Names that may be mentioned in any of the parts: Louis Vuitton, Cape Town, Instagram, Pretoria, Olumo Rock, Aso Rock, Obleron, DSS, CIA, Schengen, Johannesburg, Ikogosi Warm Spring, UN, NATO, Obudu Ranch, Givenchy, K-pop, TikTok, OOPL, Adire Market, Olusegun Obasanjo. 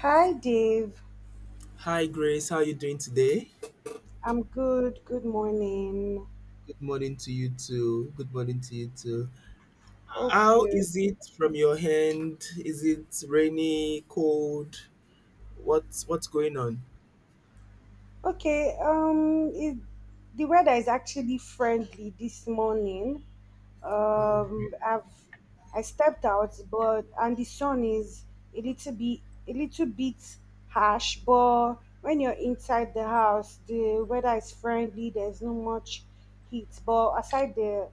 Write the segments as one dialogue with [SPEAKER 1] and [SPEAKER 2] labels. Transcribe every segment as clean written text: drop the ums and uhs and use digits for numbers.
[SPEAKER 1] Hi, Dave.
[SPEAKER 2] Hi Grace, how are you doing today?
[SPEAKER 1] I'm good. Good morning.
[SPEAKER 2] Good morning to you too. Good morning to you too.
[SPEAKER 1] Hope
[SPEAKER 2] How
[SPEAKER 1] you
[SPEAKER 2] is it from your end? Is it rainy, cold? What's going on?
[SPEAKER 1] okay. The weather is actually friendly this morning.
[SPEAKER 2] Oh, great.
[SPEAKER 1] um i've I stepped out, but and the sun is a little bit a little bit harsh, but when you're inside the house the weather is friendly. There's no much heat, but aside the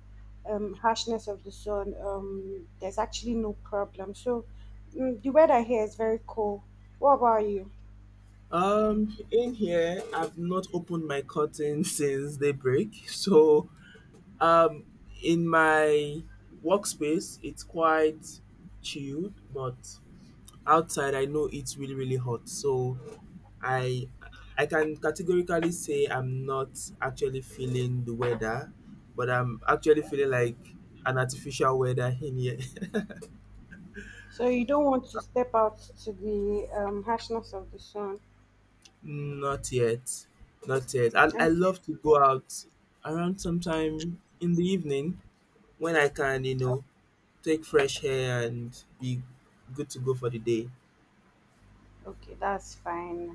[SPEAKER 1] harshness of the sun, there's actually no problem. So the weather here is very cool. What about you?
[SPEAKER 2] In here, I've not opened my curtain since daybreak. So, um, in my workspace, it's quite chilled, but outside, I know it's really, really hot. So, I I can categorically say I'm not actually feeling the weather, but I'm actually feeling like an artificial weather in here.
[SPEAKER 1] So you don't want to step out to the harshness of the sun?
[SPEAKER 2] not yet. Not yet. I
[SPEAKER 1] Okay.
[SPEAKER 2] love to go out around sometime in the evening when I can, take fresh air and be good to go for the day.
[SPEAKER 1] Okay, that's fine.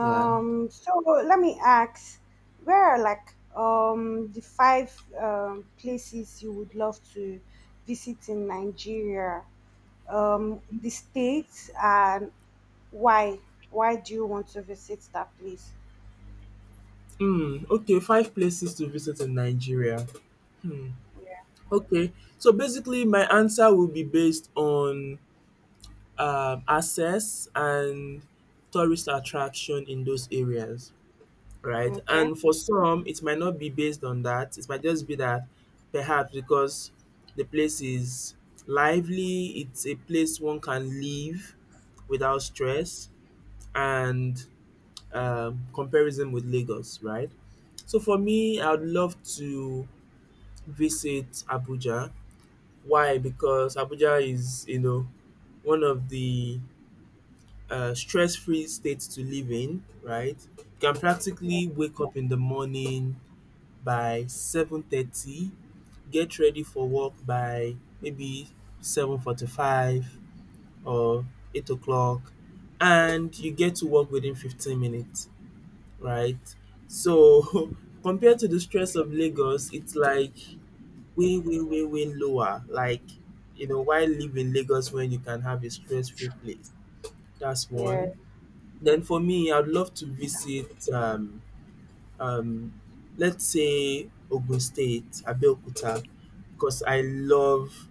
[SPEAKER 2] Yeah.
[SPEAKER 1] so let me ask, where are like the five places you would love to visit in Nigeria? The states, and why? Why do you want to visit that place?
[SPEAKER 2] Hmm. Okay. Five places to visit in Nigeria. Hmm.
[SPEAKER 1] Yeah.
[SPEAKER 2] Okay. So basically, my answer will be based on access and tourist attraction in those areas, right?
[SPEAKER 1] Okay.
[SPEAKER 2] And for some, it might not be based on that. It might just be that perhaps because the place is lively, it's a place one can live without stress and, comparison with Lagos, right? So for me, I would love to visit Abuja. Why? Because Abuja is, you know, one of the stress free state to live in, right? You can
[SPEAKER 1] Yeah.
[SPEAKER 2] practically wake up in the morning by 7:30, get ready for work by maybe 7:45 or 8 o'clock, and you get to work within 15 minutes, right? So compared to the stress of Lagos, it's like way, way, way, way lower. Like, you know, why live in Lagos when you can have a stress free place? That's
[SPEAKER 1] Yeah.
[SPEAKER 2] one. Then for me, I'd love to visit, um, let's say Ogun State, Abeokuta, because I love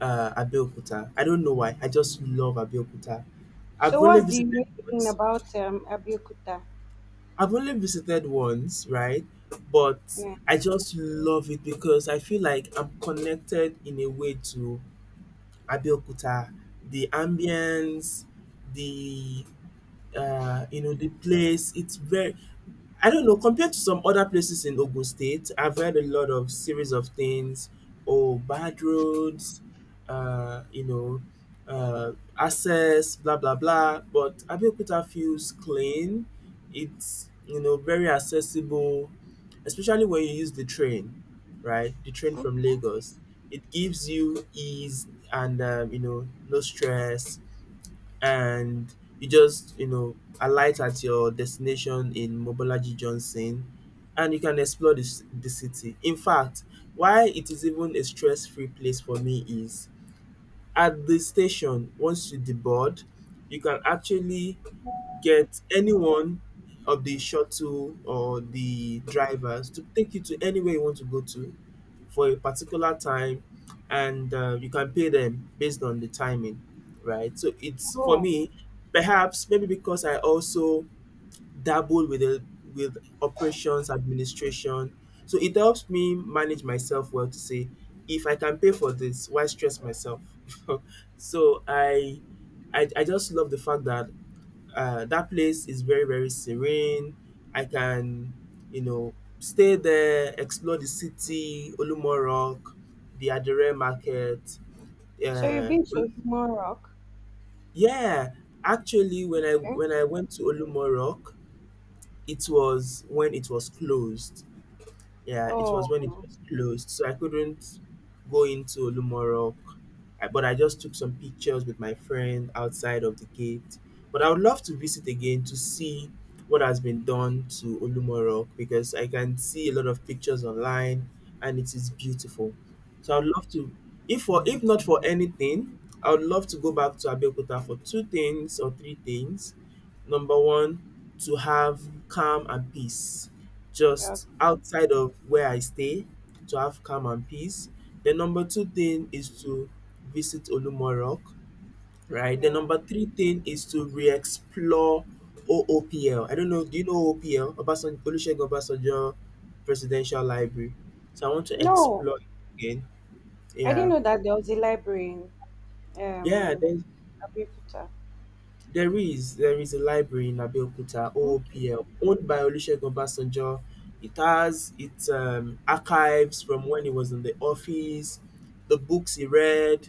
[SPEAKER 2] Abeokuta. I don't know why. I just love Abeokuta. I've
[SPEAKER 1] So
[SPEAKER 2] only
[SPEAKER 1] what's the
[SPEAKER 2] visited
[SPEAKER 1] unique thing
[SPEAKER 2] once.
[SPEAKER 1] about Abeokuta?
[SPEAKER 2] I've only visited once, right? But
[SPEAKER 1] Yeah.
[SPEAKER 2] I just love it because I feel like I'm connected in a way to Abeokuta, the ambience, the the place. It's very, I don't know, compared to some other places in Ogun State, I've heard a lot of series of things. Oh, bad roads, uh, you know, access, blah, blah, blah. But Abeokuta feels clean. It's, you know, very accessible, especially when you use the train, right? The train from Lagos. It gives you ease and, no stress, and you just alight at your destination in Mobolaji Johnson and you can explore this the city. In fact, why it is even a stress-free place for me is at the station once you deboard, you can actually get anyone of the shuttle or the drivers to take you to anywhere you want to go to for a particular time, and you can pay them based on the timing, right? So it's for
[SPEAKER 1] Oh,
[SPEAKER 2] me, perhaps maybe because I also dabble with with operations administration, so it helps me manage myself well to say if I can pay for this, why stress myself? so I just love the fact that that place is very, very serene. I can stay there, explore the city, Olumo Rock, the Adire Market.
[SPEAKER 1] so you've
[SPEAKER 2] Uh,
[SPEAKER 1] been to Human Rock?
[SPEAKER 2] yeah, actually, when I
[SPEAKER 1] Okay.
[SPEAKER 2] when I went to Olumo Rock, it was when it was closed. Yeah, it was
[SPEAKER 1] Oh,
[SPEAKER 2] when it was closed, so I couldn't go into Olumorok. I but I just took some pictures with my friend outside of the gate. But I would love to visit again to see what has been done to Olumorok because I can see a lot of pictures online and it is beautiful. So I would love to, if not for anything, I would love to go back to Abeokuta for two things or three things. Number one, to have calm and peace
[SPEAKER 1] yeah.
[SPEAKER 2] just outside of where I stay to have calm and peace. The number two thing is to visit Olumo Rock, right? The
[SPEAKER 1] Yeah.
[SPEAKER 2] number three thing is to re-explore OOPL. I don't know, do you know OOPL? Obasanjo, Olusegun Obasanjo Presidential Library. So I want to
[SPEAKER 1] No,
[SPEAKER 2] explore it again.
[SPEAKER 1] I didn't
[SPEAKER 2] Yeah.
[SPEAKER 1] know that there was a library in
[SPEAKER 2] Yeah,
[SPEAKER 1] Um,
[SPEAKER 2] then
[SPEAKER 1] Abeokuta.
[SPEAKER 2] there is a library in Abeokuta,
[SPEAKER 1] Okay.
[SPEAKER 2] OOPL, owned by Olusegun Obasanjo. It has its archives from when he was in the office, the books he read,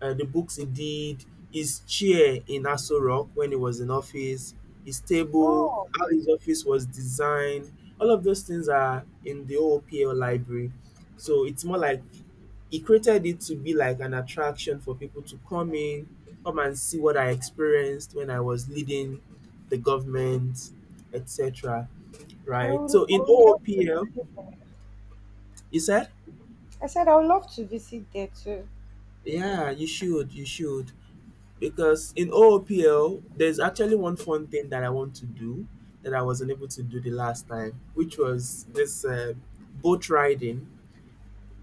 [SPEAKER 2] the books he did, his chair in Aso Rock when he was in office, his table,
[SPEAKER 1] Oh,
[SPEAKER 2] how his office was designed. All of those things are in the OOPL library. So it's more like he created it to be like an attraction for people to come in, come and see what I experienced when I was leading the government, etc. Right?
[SPEAKER 1] I
[SPEAKER 2] So in
[SPEAKER 1] would love to
[SPEAKER 2] OOPL,
[SPEAKER 1] visit there.
[SPEAKER 2] you said,
[SPEAKER 1] I said I would love to visit there too.
[SPEAKER 2] yeah, you should, because in OOPL, there's actually one fun thing that I want to do that I wasn't able to do the last time, which was this boat riding.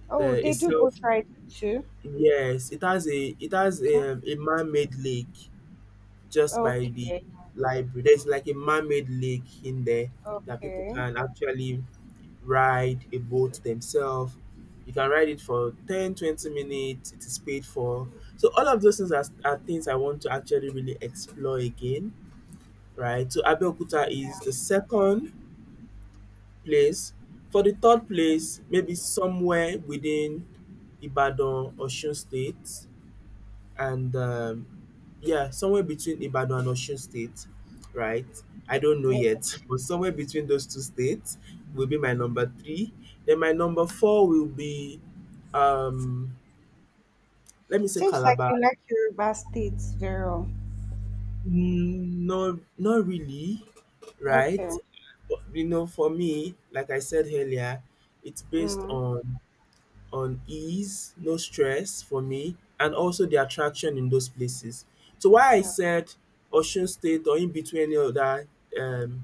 [SPEAKER 1] Oh,
[SPEAKER 2] The
[SPEAKER 1] they do boat
[SPEAKER 2] itself,
[SPEAKER 1] riding too.
[SPEAKER 2] yes, it has a it has
[SPEAKER 1] Okay.
[SPEAKER 2] a, a man-made lake just by the
[SPEAKER 1] Okay.
[SPEAKER 2] library. There's like a man-made lake in there that people
[SPEAKER 1] Okay.
[SPEAKER 2] can actually ride a boat themselves. You can ride it for 10, 20 minutes. It is paid for. So all of those things are things I want to actually really explore again, right? So Abeokuta is the second place. For the third place, maybe somewhere within Ibadan, Osun State and, yeah, somewhere between Ibadan and Osun State, right? I don't know
[SPEAKER 1] Yeah.
[SPEAKER 2] yet, but somewhere between those two states will be my number three. Then my number four will be, um, let me say
[SPEAKER 1] Seems like
[SPEAKER 2] Calabar.
[SPEAKER 1] you like Yoruba states very well.
[SPEAKER 2] Mm, no, not really, right?
[SPEAKER 1] Okay.
[SPEAKER 2] But, you know, for me, like I said earlier, it's based
[SPEAKER 1] Mm.
[SPEAKER 2] on ease, no stress for me, and also the attraction in those places. So why I
[SPEAKER 1] Yeah.
[SPEAKER 2] said Osun State or in between any other um,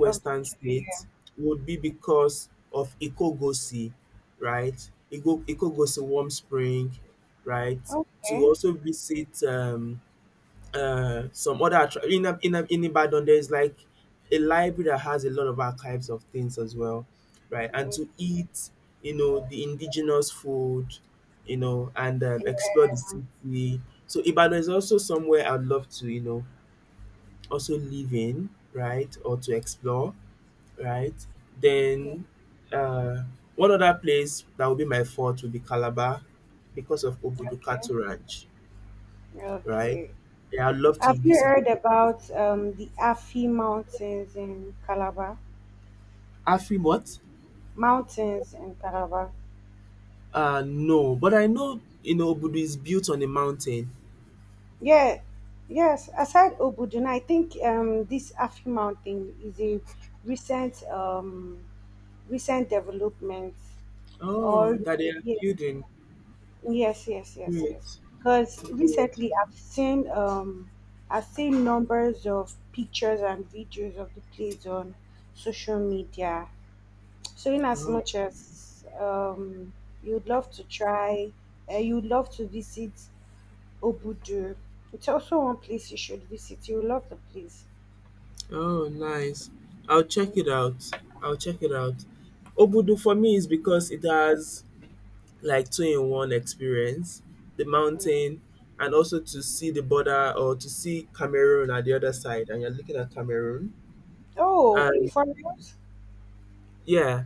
[SPEAKER 1] Of the two, yeah.
[SPEAKER 2] state would be because of Ikogosi, right? Ikogosi Warm Spring, right? To
[SPEAKER 1] Okay.
[SPEAKER 2] also visit, some other in Ibadan there's like a library that has a lot of archives of things as well, right? And
[SPEAKER 1] Mm.
[SPEAKER 2] to eat, you know, the indigenous food, you know, and explore
[SPEAKER 1] Yeah.
[SPEAKER 2] the city. So Ibadan is also somewhere I'd love to, you know, also live in, right, or to explore, right?
[SPEAKER 1] Yeah.
[SPEAKER 2] Then uh, one other place that would be my fourth would be Calabar because of
[SPEAKER 1] Okay.
[SPEAKER 2] Obudu Ranch, right?
[SPEAKER 1] Okay.
[SPEAKER 2] Yeah, I'd love to
[SPEAKER 1] Have you
[SPEAKER 2] visit.
[SPEAKER 1] heard about the Afi Mountains in Calabar?
[SPEAKER 2] Afim what?
[SPEAKER 1] Mountains in Taraba.
[SPEAKER 2] No, but I know, you know, Obudu is built on a mountain.
[SPEAKER 1] Yeah, yes. Aside Obuduna, I think this Afi Mountain is a recent um, recent development.
[SPEAKER 2] Oh,
[SPEAKER 1] Or
[SPEAKER 2] that they are
[SPEAKER 1] ye-
[SPEAKER 2] building.
[SPEAKER 1] yes, yes, yes,
[SPEAKER 2] Great,
[SPEAKER 1] yes. Because
[SPEAKER 2] great.
[SPEAKER 1] recently I've seen numbers of pictures and videos of the place on social media. So in as
[SPEAKER 2] Oh,
[SPEAKER 1] much as you'd love to try, you'd love to visit Obudu, it's also one place you should visit. You'll love the place.
[SPEAKER 2] oh, nice. I'll check it out. I'll check it out. Obudu for me is because it has like two in one experience, the
[SPEAKER 1] Yeah.
[SPEAKER 2] mountain, and also to see the border or to see Cameroon at the other side, and you're looking at Cameroon.
[SPEAKER 1] Oh,
[SPEAKER 2] And
[SPEAKER 1] for us?
[SPEAKER 2] yeah,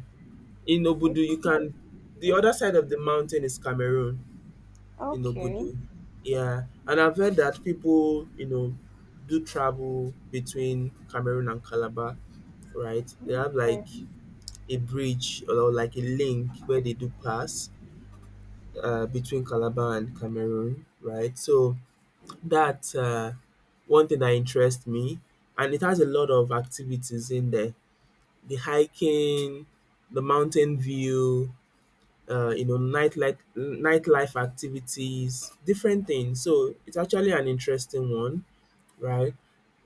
[SPEAKER 2] in
[SPEAKER 1] I
[SPEAKER 2] Obudu you
[SPEAKER 1] didn't know.
[SPEAKER 2] can, the other side of the mountain is Cameroon, in
[SPEAKER 1] Okay,
[SPEAKER 2] Obudu. Yeah, and I've heard that people, you know, do travel between Cameroon and Calabar, right? They have like
[SPEAKER 1] okay,
[SPEAKER 2] a bridge or like a link where they do pass between Calabar and Cameroon, right? So that's one thing that interests me, and it has a lot of activities in there: the hiking, the mountain view, nightlife activities, different things. So it's actually an interesting one, right?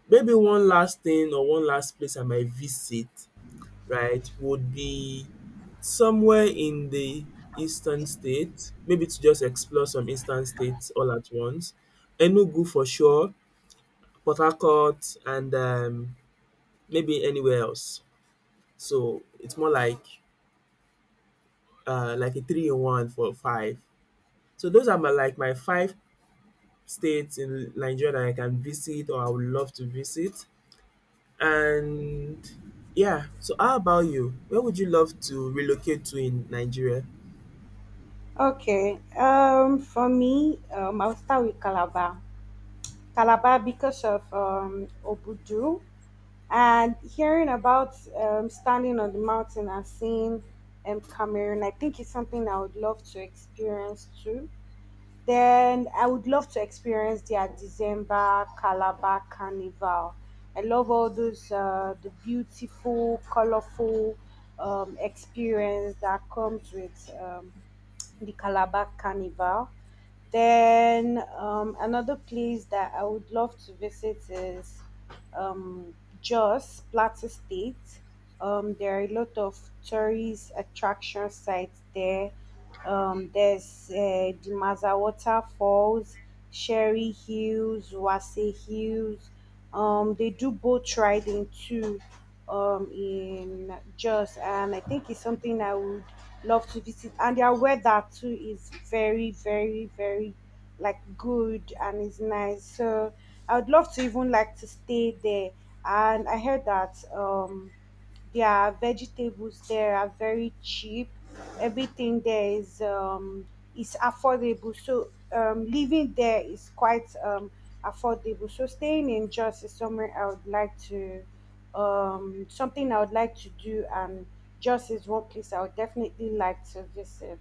[SPEAKER 2] Maybe one last thing or one last place I might visit, right, would be somewhere in the eastern state, maybe to just explore some eastern states all at once. Enugu for sure, Port Harcourt, and maybe anywhere else. So it's more like a three in one for five. So those are my like my five states in Nigeria that I can visit or I would love to visit. And yeah, so how about you? Where would you love to relocate to in Nigeria?
[SPEAKER 1] okay. For me, I'll start with Calabar. Calabar, because of Obudu and hearing about standing on the mountain and seeing Cameroon. I think it's something I would love to experience too. Then I would love to experience their December Calabar Carnival. I love all those the beautiful, colorful experience that comes with the Calabar Carnival. Then another place that I would love to visit is um, Jos, Plateau State. There are a lot of tourist attraction sites there. The Maza Waterfalls, Sherry Hills, Wase Hills. They do boat riding too in Jos, and I think it's something I would love to visit. And their weather too is very, very, very like good, and it's nice. So I would love to even like to stay there. And I heard that their vegetables there are very cheap. Everything there is affordable, so living there is quite affordable. So staying in Jos is somewhere I would like to something I would like to do, and Jos is one place I would definitely like to visit.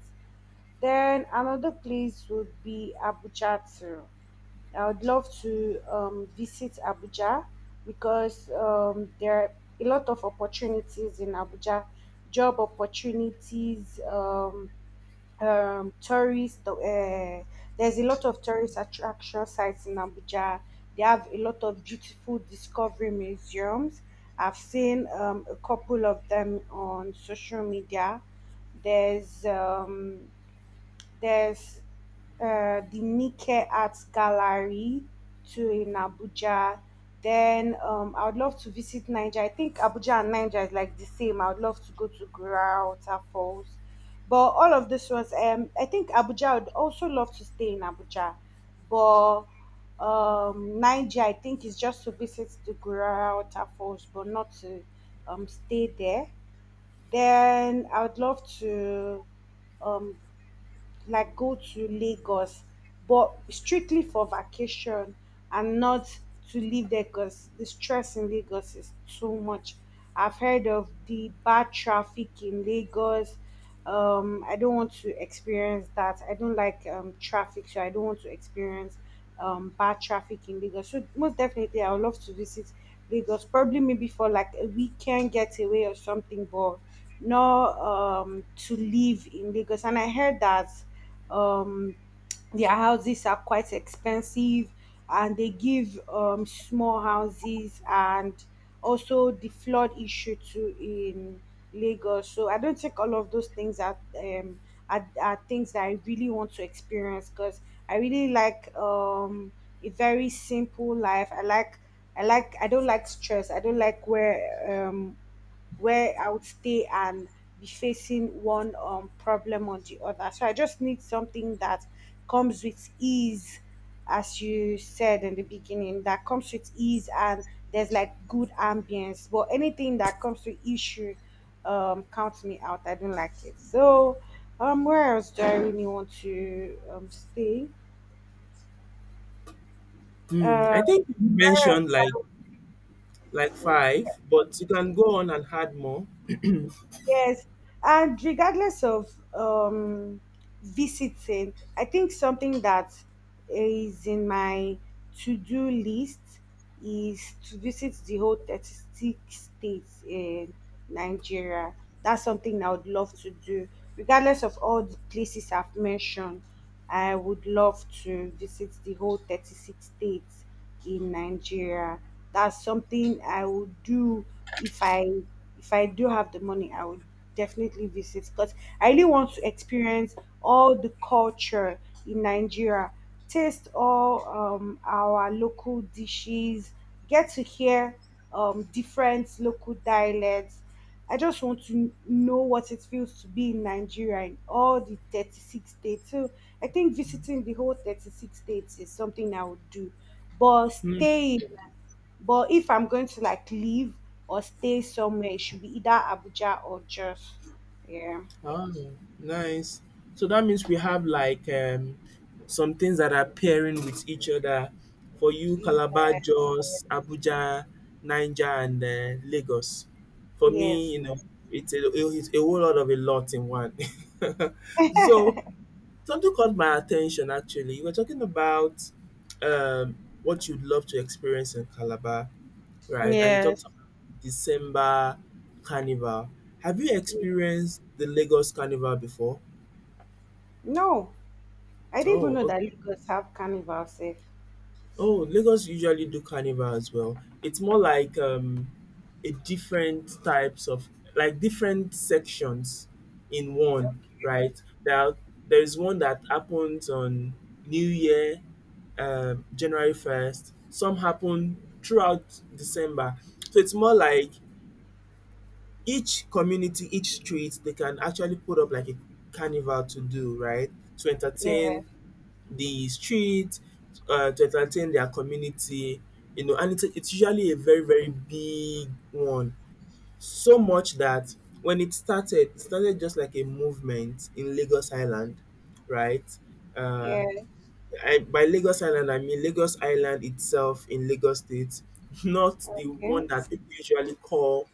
[SPEAKER 1] Then another place would be Abuja too. I would love to visit Abuja because there are a lot of opportunities in Abuja, job opportunities, tourist. There's a lot of tourist attraction sites in Abuja. They have a lot of beautiful discovery museums. I've seen a couple of them on social media. There's um, there's the Nike Art Gallery too in Abuja. Then I would love to visit Niger. I think Abuja and Niger is like the same. I would love to go to Gura Water Falls. But all of this was, I think Abuja, I would also love to stay in Abuja. But Niger, I think, is just to visit the Gura Water Falls, but not to stay there. Then I would love to um, like go to Lagos, but strictly for vacation and not to live there, because the stress in Lagos is too much. I've heard of the bad traffic in Lagos. I don't want to experience that. I don't like traffic, so I don't want to experience bad traffic in Lagos. So most definitely, I would love to visit Lagos, probably maybe for like a weekend getaway or something, but not to live in Lagos. And I heard that um their houses are quite expensive and they give small houses, and also the flood issue too in Lagos. So I don't think all of those things are are things that I really want to experience, because I really like a very simple life. I don't like stress. I don't like where I would stay and be facing one problem or the other. So I just need something that comes with ease, as you said in the beginning, that comes with ease and there's like good ambience. But anything that comes with issue counts me out. I don't like it. So where else do I really want to stay?
[SPEAKER 2] Hmm,
[SPEAKER 1] Uh
[SPEAKER 2] I think you
[SPEAKER 1] where
[SPEAKER 2] mentioned like
[SPEAKER 1] else?
[SPEAKER 2] five, but you can go on and add more.
[SPEAKER 1] Yes, and regardless of um, visiting, I think something that is in my to do list is to visit the whole 36 states in Nigeria. That's something I would love to do, regardless of all the places I've mentioned. I would love to visit the whole 36 states in Nigeria. That's something I would do if I, if I do have the money. I would definitely visit, because I really want to experience all the culture in Nigeria, taste all our local dishes, get to hear different local dialects. I just want to know what it feels to be in Nigeria in all the 36 states. So I think visiting the whole 36 states is something I would do. But
[SPEAKER 2] Hmm.
[SPEAKER 1] staying, but if I'm going to like leave or stay somewhere, it should be either Abuja or Jos. Yeah.
[SPEAKER 2] Oh, nice. So that means we have some things that are pairing with each other. For you,
[SPEAKER 1] Yeah.
[SPEAKER 2] Calabar, Jos, Abuja, Niger, and Lagos. For me,
[SPEAKER 1] Yes.
[SPEAKER 2] you know, it's a whole lot of a lot in one. so something caught my attention actually. You were talking about what you'd love to experience in Calabar, right? And you
[SPEAKER 1] Yes.
[SPEAKER 2] talked about December Carnival. Have you
[SPEAKER 1] Yeah.
[SPEAKER 2] experienced the Lagos Carnival before?
[SPEAKER 1] No, I didn't even
[SPEAKER 2] Oh,
[SPEAKER 1] know that
[SPEAKER 2] okay.
[SPEAKER 1] Lagos have carnival safe.
[SPEAKER 2] Oh, Lagos usually do Carnival as well. It's more like, a different types of like different sections in one, right? There is one that happens on New Year, January 1st. Some happen throughout December. So it's more like each community, each street, they can actually put up like a carnival to do, right? To
[SPEAKER 1] Yeah.
[SPEAKER 2] entertain the street, to entertain their community, you know, and it's usually a very, very big one. So much that when it started just like a movement in Lagos Island, right? Uh,
[SPEAKER 1] Yeah.
[SPEAKER 2] by Lagos Island, I mean Lagos Island itself in Lagos State, not the
[SPEAKER 1] Okay.
[SPEAKER 2] one that people usually call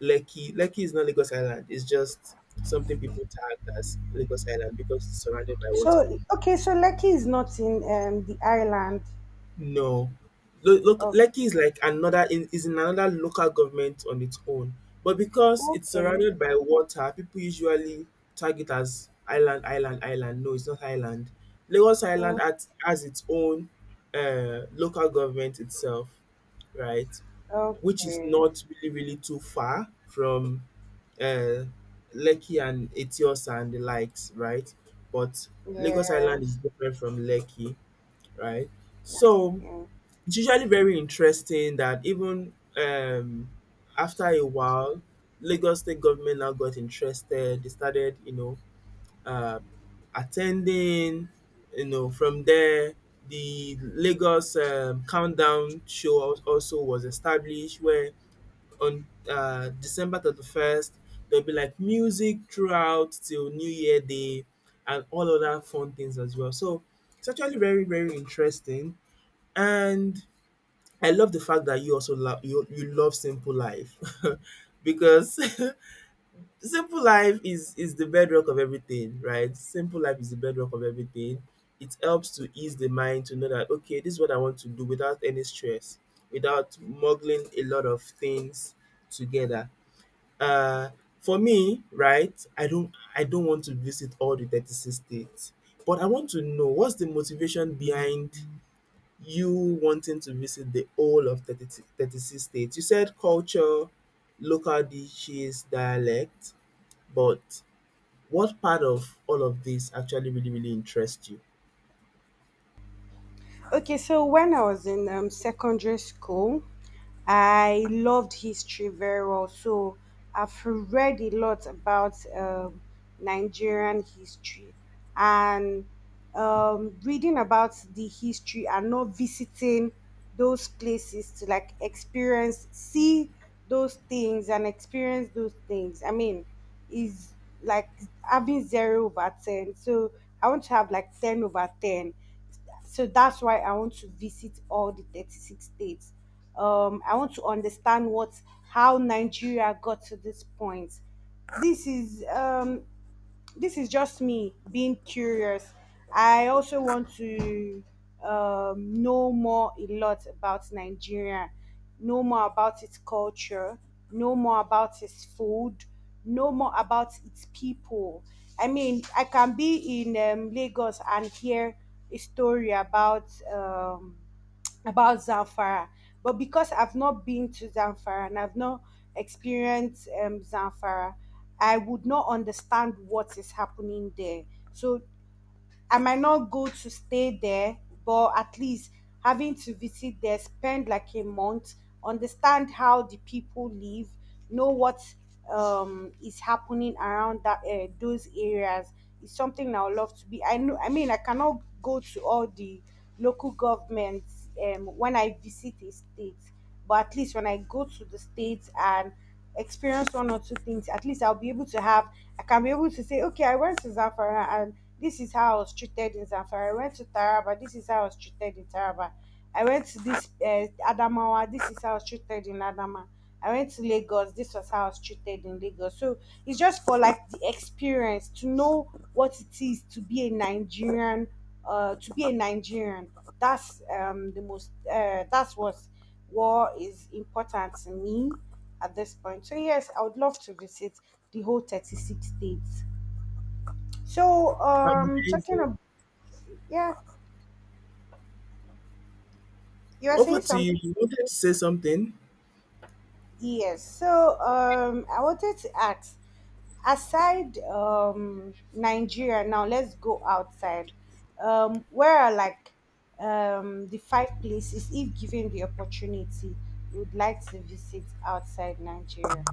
[SPEAKER 2] Lekki. Lekki is not Lagos Island. It's just something people tag as Lagos Island because it's surrounded by water.
[SPEAKER 1] So okay, so Lekki is not in the island.
[SPEAKER 2] No. Look, Lekki is like another is in another local government on its own. But because it's
[SPEAKER 1] Okay.
[SPEAKER 2] surrounded by water, people usually tag it as island, island, island. No, it's not island.
[SPEAKER 1] Mm,
[SPEAKER 2] Has its own local government itself, right? Which is
[SPEAKER 1] okay.
[SPEAKER 2] not really, really too far from uh, Lekki and Etios and the likes, right? But Lagos
[SPEAKER 1] Yeah.
[SPEAKER 2] Island is different from Lekki, right? So
[SPEAKER 1] Okay.
[SPEAKER 2] it's usually very interesting that even after a while, Lagos state government now got interested. They started, you know, uh, attending. You know, from there, the Lagos countdown show also was established, where on December 31st there'll be like music throughout till New Year Day and all other fun things as well. So it's actually very very interesting and I love the fact that you also love you you love simple life because simple life is the bedrock of everything, right? Simple life is the bedrock of everything. It helps to ease the mind to know that okay, this is what I want to do without any stress, without muggling a lot of things together. Uh for me, right, I don't want to visit all the 36 states, but I want to know what's the motivation behind you wanting to visit the whole of thirty six states. You said culture, local dishes, dialect, but what part of all of this actually really, really interests you?
[SPEAKER 1] Okay, so when I was in secondary school, I loved history very well. So I've read a lot about Nigerian history, and reading about the history and not visiting those places to like experience, see those things and experience those things, I mean, is like having zero over 10. So I want to have like 10 over 10. So that's why I want to visit all the 36 states. I want to understand what, how Nigeria got to this point. this is um this is just me being curious. I also want to know more a lot about Nigeria, know more about its culture, know more about its food, know more about its people. I mean, I can be in Lagos and hear a story about. About Zamfara. But because I've not been to Zamfara and I've not experienced Zamfara, I would not understand what is happening there. So I might not go to stay there, but at least having to visit there, spend like a month, understand how the people live, know what is happening around that those areas is something I would love to be. I know. I mean, I cannot go to all the local governments when I visit a state, but at least when I go to the states and experience one or two things, at least I'll be able to have, I can be able to say, okay, I went to Zamfara, and this is how I was treated in Zamfara. I went to Taraba, this is how I was treated in Taraba. I went to this Adamawa, this is how I was treated in Adama. I went to Lagos, this was how I was treated in Lagos. So it's just for like the experience to know what it is to be a Nigerian, to be a Nigerian. That's the most That's what war is important to me at this point. So yes, I would love to visit the whole 36 states. So talking
[SPEAKER 2] Amazing.
[SPEAKER 1] about, yeah, you are saying
[SPEAKER 2] Over to you.
[SPEAKER 1] something.
[SPEAKER 2] You wanted to say something?
[SPEAKER 1] Yes. So I wanted to ask, aside Nigeria, now let's go outside. Um, where are like the five places, if given the opportunity, you would like to visit outside Nigeria?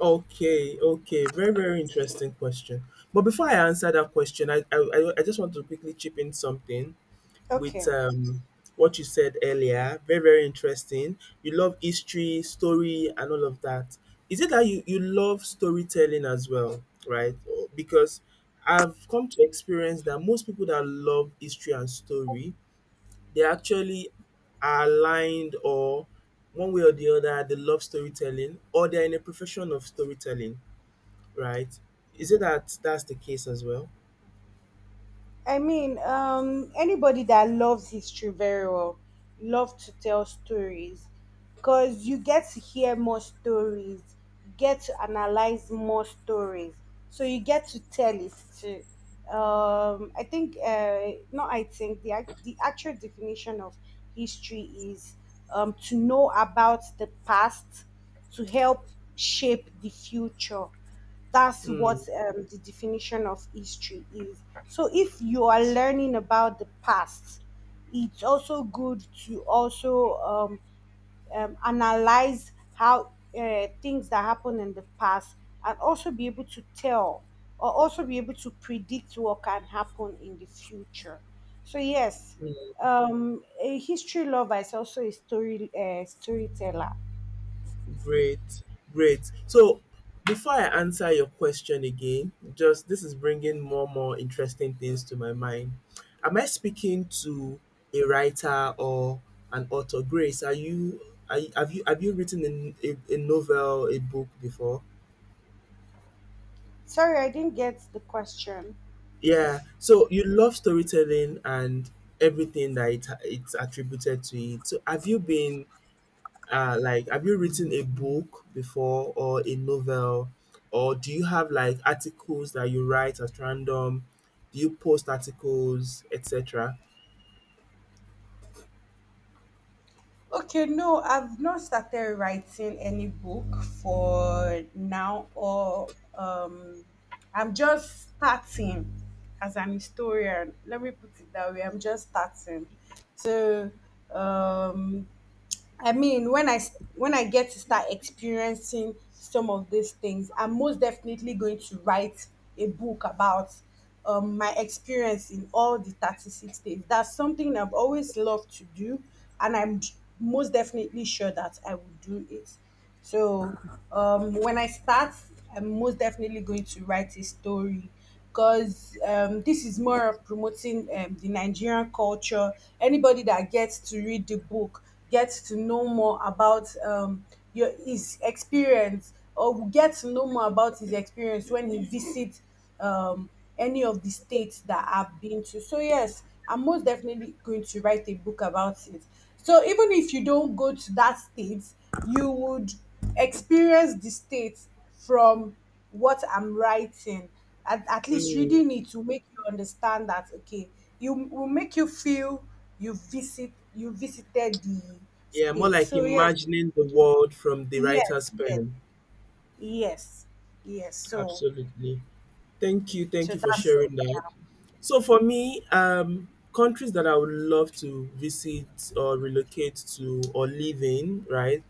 [SPEAKER 2] Okay, okay. Very, very interesting question. But before I answer that question, I just want to quickly chip in something with
[SPEAKER 1] Okay.
[SPEAKER 2] um, what you said earlier. Very, very interesting. You love history, story, and all of that. Is it that you love storytelling as well, right? Or- Because I've come to experience that most people that love history and story, they actually are aligned or one way or the other, they love storytelling or they're in a profession of storytelling, right? Is it that that's the case as well?
[SPEAKER 1] I mean, anybody that loves history very well love to tell stories, because you get to hear more stories, you get to analyze more stories, so you get to tell it too. I think, no, I think the actual definition of history is to know about the past to help shape the future. That's
[SPEAKER 2] Hmm.
[SPEAKER 1] what the definition of history is. So if you are learning about the past, it's also good to also analyze how things that happened in the past, and also be able to tell or also be able to predict what can happen in the future. So yes, a history lover is also a storyteller.
[SPEAKER 2] Great, great. So before I answer your question again, just this is bringing more interesting things to my mind. Am I speaking to a writer or an author? Grace, are you? Are, you- have you written a novel, a book before?
[SPEAKER 1] Sorry, I didn't get the question.
[SPEAKER 2] Yeah. So you love storytelling and everything that it's attributed to it. So have you been like, have you written a book before or a novel? Or do you have like articles that you write at random? Do you post articles, etc.?
[SPEAKER 1] Okay, no, I've not started writing any book for now, or I'm just starting as an historian. Let me put it that way. I'm just starting. So, um, I mean, when when I get to start experiencing some of these things, I'm most definitely going to write a book about my experience in all the 36 days. That's something I've always loved to do, and I'm most definitely sure that I will do it. So when I start, I'm most definitely going to write a story because this is more of promoting the Nigerian culture. Anybody that gets to read the book gets to know more about your his experience, or will get to know more about his experience when he visits um, any of the states that I've been to. So yes, I'm most definitely going to write a book about it. So even if you don't go to that state, you would experience the state from what I'm writing. At least
[SPEAKER 2] Mm,
[SPEAKER 1] reading it will make you understand that okay, you will make you feel you visited the
[SPEAKER 2] yeah, more
[SPEAKER 1] state.
[SPEAKER 2] like
[SPEAKER 1] So yes,
[SPEAKER 2] imagining the world from the
[SPEAKER 1] yes,
[SPEAKER 2] writer's
[SPEAKER 1] yes,
[SPEAKER 2] pen.
[SPEAKER 1] yes, yes. So
[SPEAKER 2] Absolutely. Thank you. Thank you for
[SPEAKER 1] that's
[SPEAKER 2] sharing
[SPEAKER 1] something
[SPEAKER 2] that.
[SPEAKER 1] now.
[SPEAKER 2] So for me, countries that I would love to visit or relocate to or live in, right?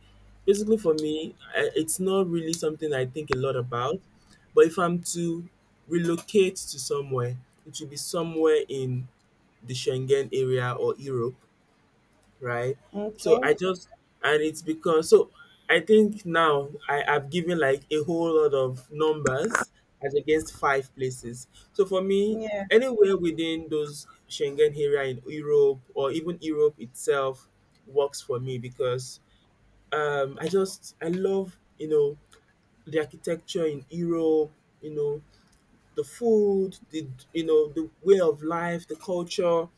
[SPEAKER 2] Basically, for me, it's not really something I think a lot about. But if I'm to relocate to somewhere, it will be somewhere in the Schengen area or Europe, right? So
[SPEAKER 1] Okay.
[SPEAKER 2] I just, and it's because, so I think now I have given like a whole lot of numbers as against five places. So for me,
[SPEAKER 1] Yeah.
[SPEAKER 2] anywhere within those Schengen area in Europe or even Europe itself works for me because I just I love you know the architecture in Europe, you know the food, the, you know, the way of life, the culture,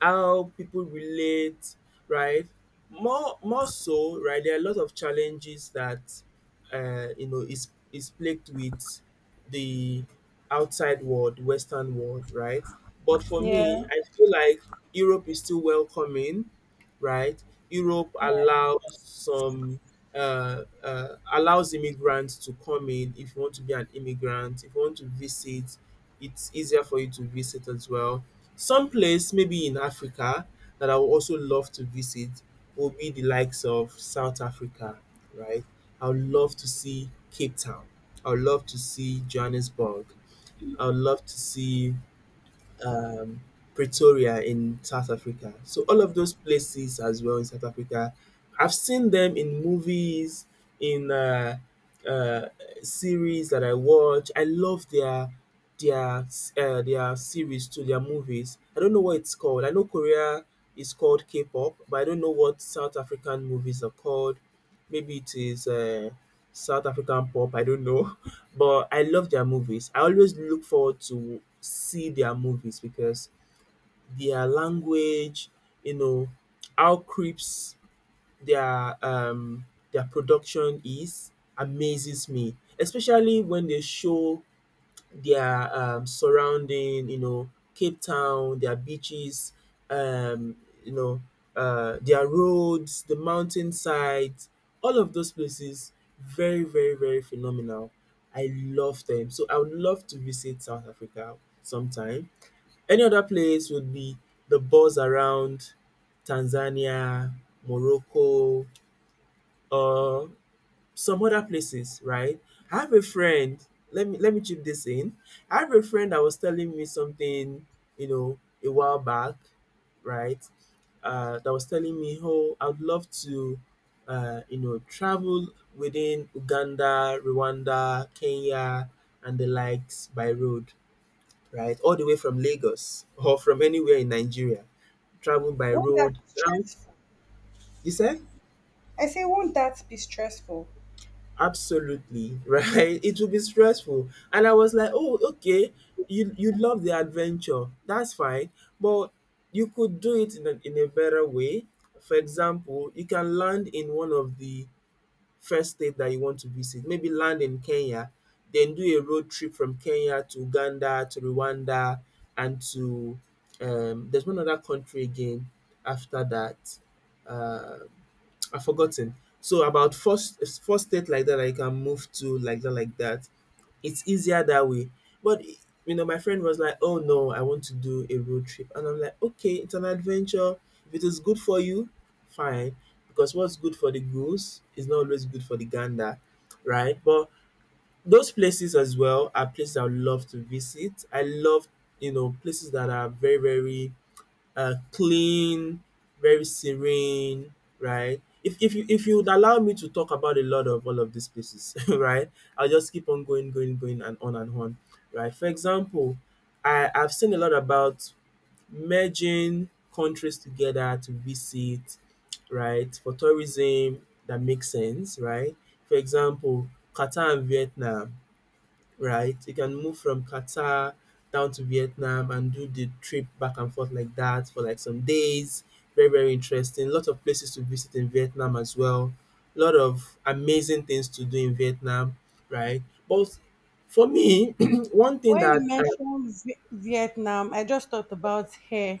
[SPEAKER 2] how people relate, right? More so, right? There are a lot of challenges that you know is plagued with the outside world, Western world, right? But for
[SPEAKER 1] Yeah.
[SPEAKER 2] me, I feel like Europe is still welcoming, right? Europe allows some allows immigrants to come in. If you want to be an immigrant, if you want to visit, it's easier for you to visit as well. Some place maybe in Africa that I would also love to visit will be the likes of South Africa, right? I would love to see Cape Town. I would love to see Johannesburg. I would love to see um, Pretoria in South Africa. So all of those places as well in South Africa, I've seen them in movies, in uh, series that I watch. I love their their series to their movies. I don't know what it's called. I know Korea is called K-pop, but I don't know what South African movies are called. Maybe it is. South African pop, I don't know, but I love their movies. I always look forward to see their movies because their language, you know, how crisp their um their production is amazes me, especially when they show their surrounding, you know, Cape Town, their beaches, um, you know, their roads, the mountainside, all of those places, very, very, very phenomenal. I love them. So I would love to visit South Africa sometime. Any other place would be the buzz around Tanzania, Morocco, or some other places, right? I have a friend. Let me chip this in. I have a friend that was telling me something, you know, a while back, right? That was telling me, oh, I'd love to, you know, travel within Uganda, Rwanda, Kenya, and the likes by road, right? All the way from Lagos or from anywhere in Nigeria, travel by
[SPEAKER 1] Won't that
[SPEAKER 2] road.
[SPEAKER 1] be
[SPEAKER 2] Um,
[SPEAKER 1] stressful?
[SPEAKER 2] you said?
[SPEAKER 1] I say, won't that be stressful?
[SPEAKER 2] Absolutely, right? It will be stressful. And I was like, oh, okay, you love the adventure. That's fine. But you could do it in a better way. For example, you can land in one of the first state that you want to visit. Maybe land in Kenya, then do a road trip from Kenya to Uganda, to Rwanda, and to there's one other country again after that. Uh, I've forgotten. So about first state like that I can move to like that like that. It's easier that way. But you know, my friend was like, "Oh no, I want to do a road trip," and I'm like, "Okay, it's an adventure. If it is good for you, fine. Because what's good for the goose is not always good for the gander, right?" But those places as well are places I would love to visit. I love, you know, places that are very very clean, very serene, right? If, if you would allow me to talk about a lot of all of these places, right? I'll just keep on going, going, going, and on, right? For example, I've seen a lot about merging countries together to visit, right? For tourism that makes sense, right? For example, Qatar and Vietnam, right? You can move from Qatar down to Vietnam and do the trip back and forth like that for like some days. Very, very interesting. A lot of places to visit in Vietnam as well. A lot of amazing things to do in Vietnam, right? But for me, one thing
[SPEAKER 1] When
[SPEAKER 2] that
[SPEAKER 1] you mentioned Vietnam, I just thought about hair.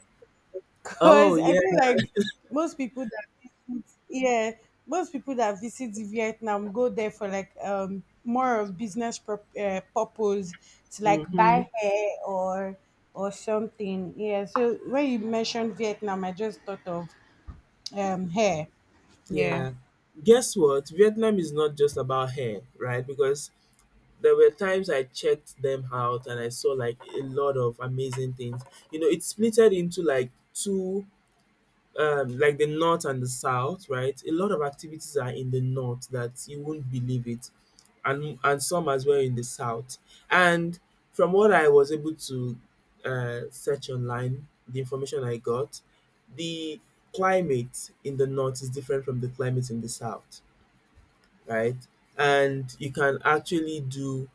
[SPEAKER 2] oh
[SPEAKER 1] Because I
[SPEAKER 2] yeah,
[SPEAKER 1] feel like most people that visit, yeah, most people that visit Vietnam go there for like more of purpose to like buy
[SPEAKER 2] hmm,
[SPEAKER 1] hair or something. Yeah. So when you mentioned Vietnam, I just thought of hair. Yeah.
[SPEAKER 2] yeah. Guess what? Vietnam is not just about hair, right? Because there were times I checked them out and I saw like a lot of amazing things. You know, it splitted into like two, like the north and the south, right? A lot of activities are in the north that you would not believe it, and some as well in the south. And from what I was able to search online, the information I got, the climate in the north is different from the climate in the south, right? And you can actually do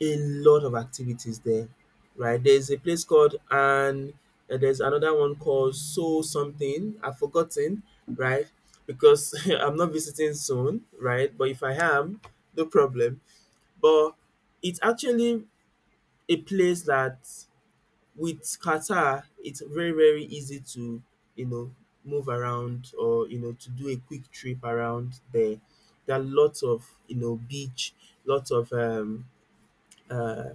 [SPEAKER 2] a lot of activities there, right? There's a place called, and there's another one called So Something. I've forgotten, right? Because I'm not visiting soon, right? But if I am, no problem. But it's actually a place that with Qatar, it's very, very easy to, you know, move around or, you know, to do a quick trip around there. There are lots of, you know, beach, lots of uh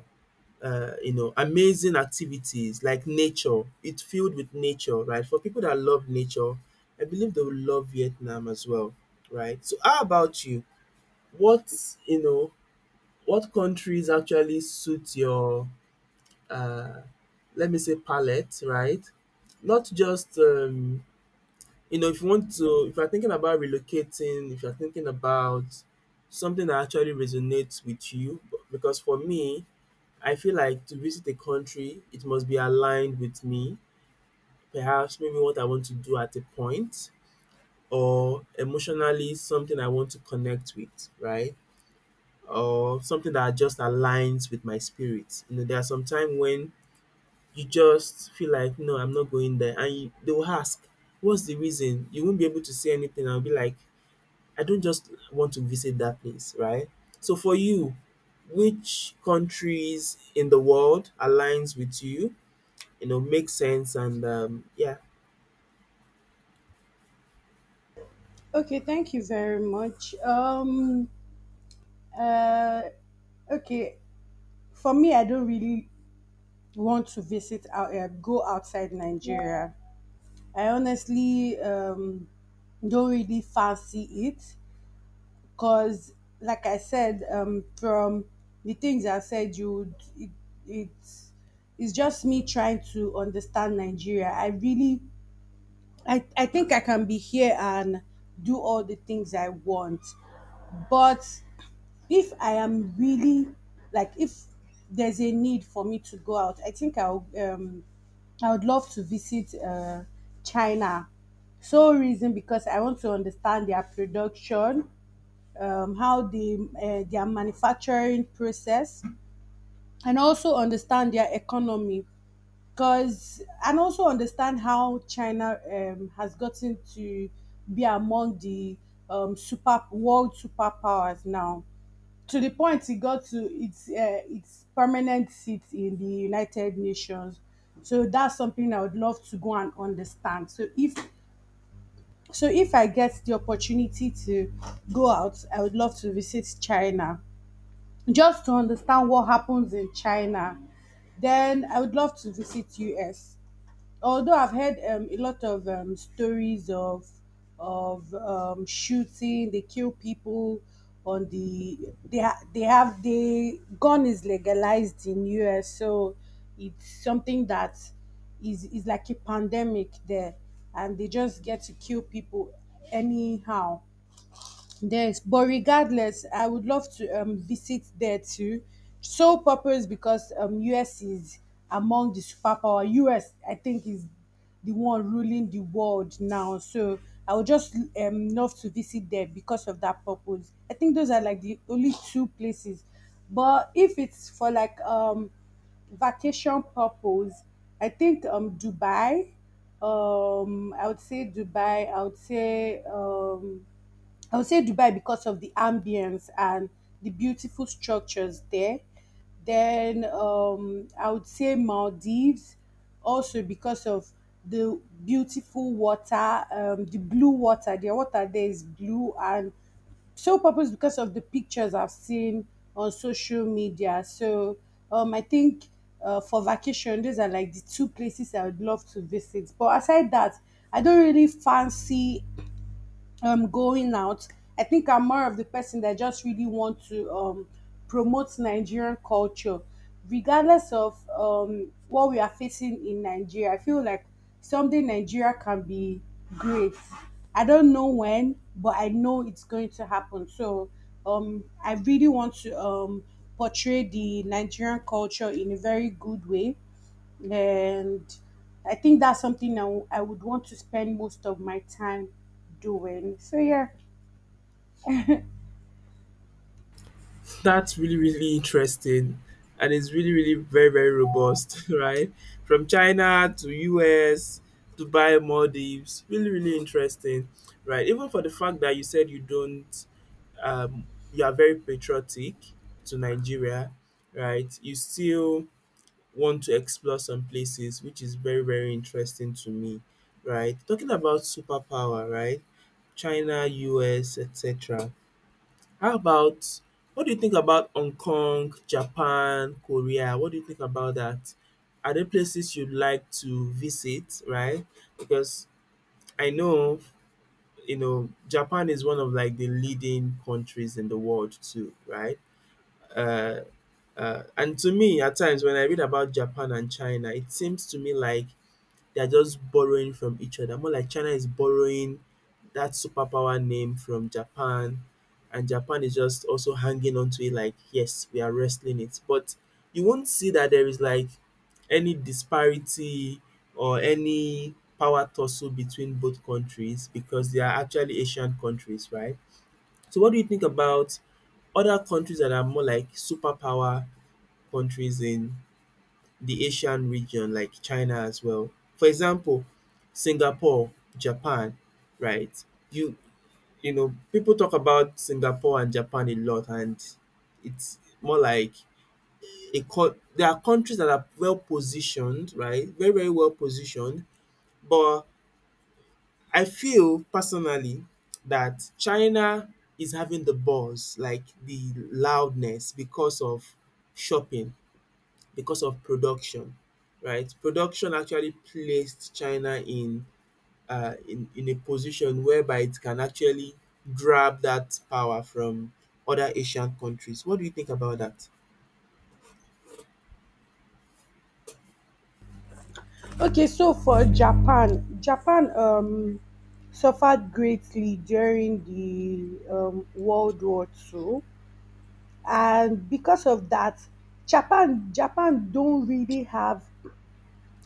[SPEAKER 2] you know, amazing activities like nature. It's filled with nature, right? For people that love nature, I believe they will love Vietnam as well, right? So, how about you? What, you know, what countries actually suit your, uh, let me say, palette, right? Not just you know, if you want to, if you're thinking about relocating, if you're thinking about something that actually resonates with you, because for me, I feel like to visit a country, it must be aligned with me. Perhaps maybe what I want to do at a point, or emotionally something I want to connect with, right? Or something that just aligns with my spirit. You know, there are some time when you just feel like, no, I'm not going there, and they will ask, what's the reason? You won't be able to say anything. I'll be like, I don't just want to visit that place, right? So for you, which countries in the world aligns with you you know makes sense and
[SPEAKER 1] Okay, thank you very much. Uh, okay, for me, I don't really want to go outside Nigeria. I honestly don't really fancy it because like I said from the things I said you would it's it's just me trying to understand Nigeria. I really I think I can be here and do all the things I want, but if I am really, like, if there's a need for me to go out, I think I would love to visit China. Sole reason, because I want to understand their production, how the their manufacturing process, and also understand their economy, because and also understand how China has gotten to be among the super world superpowers now, to the point it got to its permanent seat in the United Nations. So that's something I would love to go and understand. So if I get the opportunity to go out, I would love to visit China just to understand what happens in China. Then I would love to visit US. Although I've heard a lot of stories of shooting, they kill people on the they have the gun is legalized in US, so it's something that is like a pandemic there, and they just get to kill people anyhow. Yes, but regardless, I would love to visit there too. Sole purpose, because US is among the superpower. US, I think, is the one ruling the world now. So I would just love to visit there because of that purpose. I think those are like the only two places. But if it's for like vacation purpose, I think Dubai. I would say Dubai. I would say. I would say Dubai because of the ambience and the beautiful structures there. Then I would say Maldives also because of the beautiful water, the blue water. Their water there is blue, and so purpose because of the pictures I've seen on social media. So I think for vacation, those are like the two places I would love to visit. But aside that, I don't really fancy going out. I think I'm more of the person that just really want to promote Nigerian culture, regardless of what we are facing in Nigeria. I feel like someday Nigeria can be great. I don't know when, but I know it's going to happen. So I really want to portray the Nigerian culture in a very good way, and I think that's something I would want to spend most of my time doing. So yeah.
[SPEAKER 2] that's really really interesting, and it's really really very very robust right? From China to US, Dubai, Maldives, really really interesting, right? Even for the fact that you said you don't um, you are very patriotic to Nigeria, right? You still want to explore some places, which is very very interesting to me, right? Talking about superpower, right? China, US, etc. How about, what do you think about Hong Kong, Japan, Korea? What do you think about that? Are there places you'd like to visit, right? Because I know, you know, Japan is one of like the leading countries in the world too, right? Uh, and to me, at times when I read about Japan and China, it seems to me like they're just borrowing from each other. More like China is borrowing that superpower name from Japan, and Japan is just also hanging on to it like, yes, we are wrestling it. But you won't see that there is like any disparity or any power tussle between both countries because they are actually Asian countries, right? So, what do you think about other countries that are more like superpower countries in the Asian region, like China as well. For example, Singapore, Japan, right? You you know, people talk about Singapore and Japan a lot, and it's more like there are countries that are well positioned, right? Very very well positioned, but I feel personally that China is having the buzz, like the loudness, because of shopping, because of production, right? Production actually placed China in in a position whereby it can actually grab that power from other Asian countries. What do you think about that?
[SPEAKER 1] Okay, so for Japan, Japan suffered greatly during the World War II, and because of that, Japan don't really have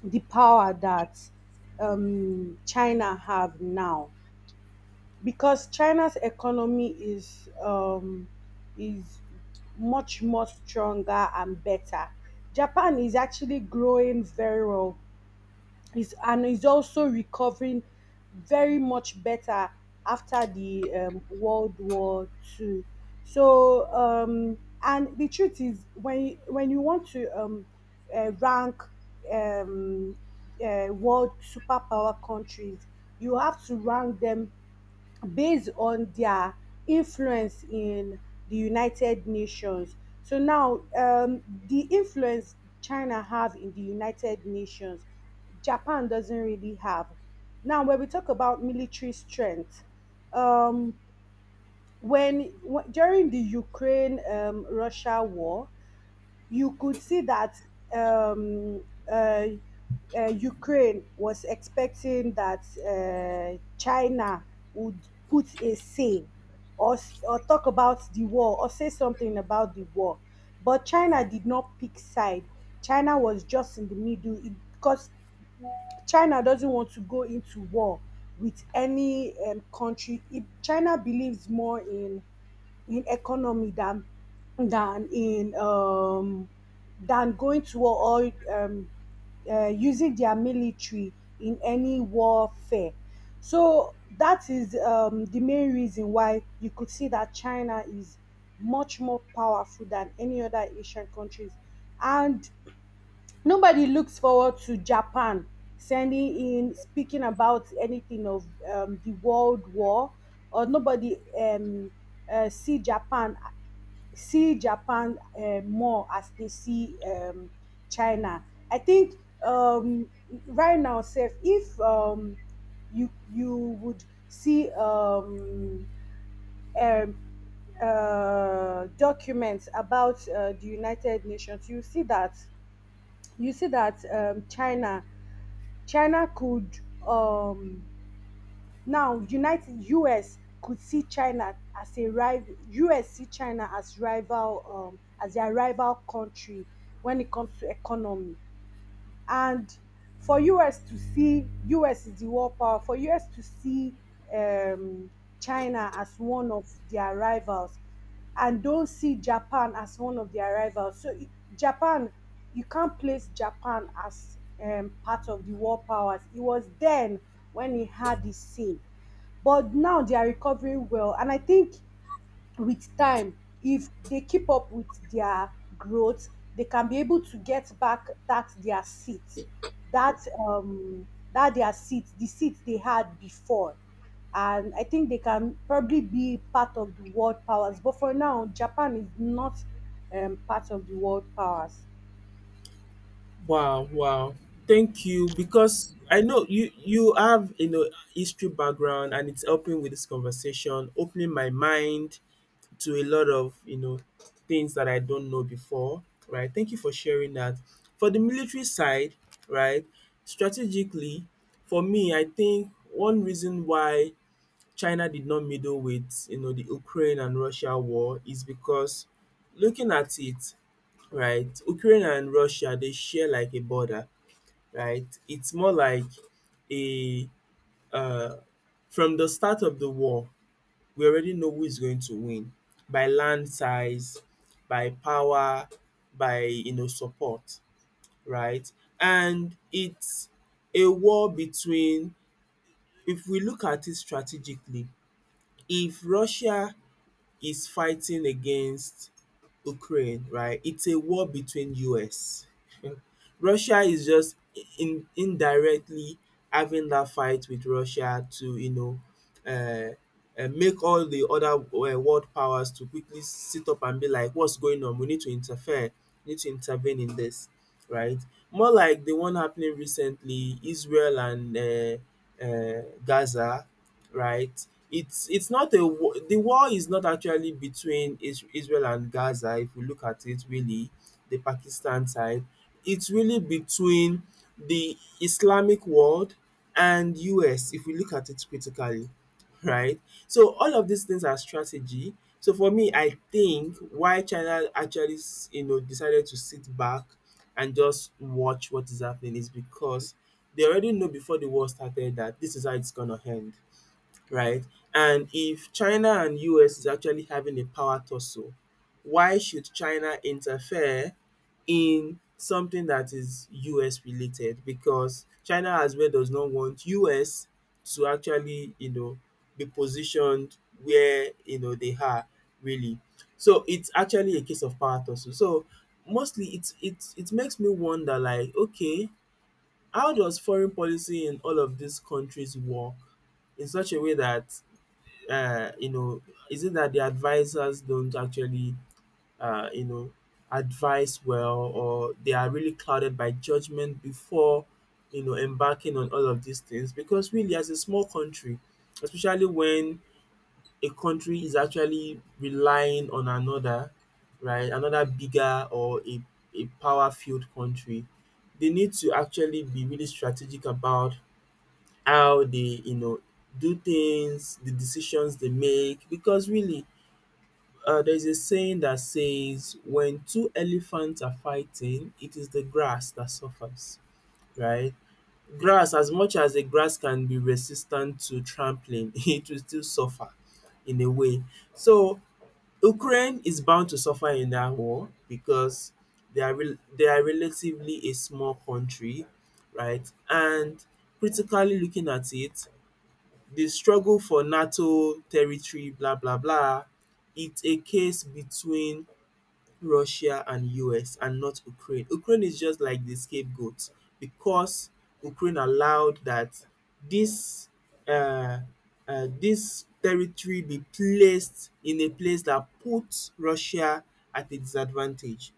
[SPEAKER 1] the power that China have now, because China's economy is much more stronger and better. Japan is actually growing very well. Is and is also recovering very much better after the World War II. So and the truth is when when you want to rank um, world superpower countries, you have to rank them based on their influence in the United Nations. So now, the influence China have in the United Nations, Japan doesn't really have. Now, when we talk about military strength, um, when during the Ukraine Russia war, you could see that um, uh, Ukraine was expecting that China would put a say, or talk about the war or say something about the war. But China did not pick side. China was just in the middle, because China doesn't want to go into war with any country. China believes more in economy than in than going to war or using their military in any warfare. So that is the main reason why you could see that China is much more powerful than any other Asian countries, and nobody looks forward to Japan sending in speaking about anything of the world war, or nobody see Japan more as they see China. I think um, right now, Seth, if you you would see um, documents about the United Nations, you see that China China could um, now, United US could see China as a rival. US see China as rival, as their rival country when it comes to economy, and for us to see us is the world power, for us to see um, China as one of their rivals and don't see Japan as one of their rivals. So Japan, you can't place Japan as part of the world powers. It was then when he had his say, but now they are recovering well, and I think with time, if they keep up with their growth, they can be able to get back that their seat, that um that their seat, the seat they had before, and I think they can probably be part of the world powers. But for now, Japan is not part of the world powers.
[SPEAKER 2] Wow, wow. Thank you, because I know you have, you know, history background, and it's helping with this conversation, opening my mind to a lot of, you know, things that I don't know before, right? Thank you for sharing that. For the military side, right, strategically, for me, I think one reason why China did not meddle with, you know, the Ukraine and Russia war is because, looking at it, right, Ukraine and Russia, they share like a border, right? It's more like a uh, from the start of the war we already know who is going to win by land size, by power, by, you know, support, right? And it's a war between, if we look at it strategically, if Russia is fighting against Ukraine, right, it's a war between US. Russia is just in indirectly having that fight with Russia to, you know, um make all the other world powers to quickly sit up and be like, what's going on, we need to interfere, we need to intervene in this, right. More like the one happening recently, Israel and Gaza, right. It's not a war. The war is not actually between Is Israel and Gaza. If you look at it really, the Pakistan side, it's really between the Islamic world and US, if we look at it critically, right? So all of these things are strategy. So for me, I think why China actually, you know, decided to sit back and just watch what is happening is because they already know before the war started that this is how it's gonna end, right? And if China and US is actually having a power tussle, why should China interfere in something that is US related? Because China as well does not want US to actually, you know, be positioned where, you know, they are really. So it's actually a case of power tussle. So mostly it makes me wonder like, okay, how does foreign policy in all of these countries work in such a way that you know, is it that the advisors don't actually, you know, advise well, or they are really clouded by judgment before, you know, embarking on all of these things? Because really, as a small country, especially when a country is actually relying on another, right, another bigger or a power-filled country, they need to actually be really strategic about how they, you know, do things, the decisions they make. Because really, there's a saying that says when two elephants are fighting, it is the grass that suffers, right? Grass, as much as the grass can be resistant to trampling, it will still suffer in a way. So Ukraine is bound to suffer in that war because they are relatively a small country, right? And critically looking at it, the struggle for NATO territory, blah blah blah. It's a case between Russia and US and not Ukraine. Ukraine is just like the scapegoat because Ukraine allowed that this uh, this territory be placed in a place that puts Russia at a disadvantage,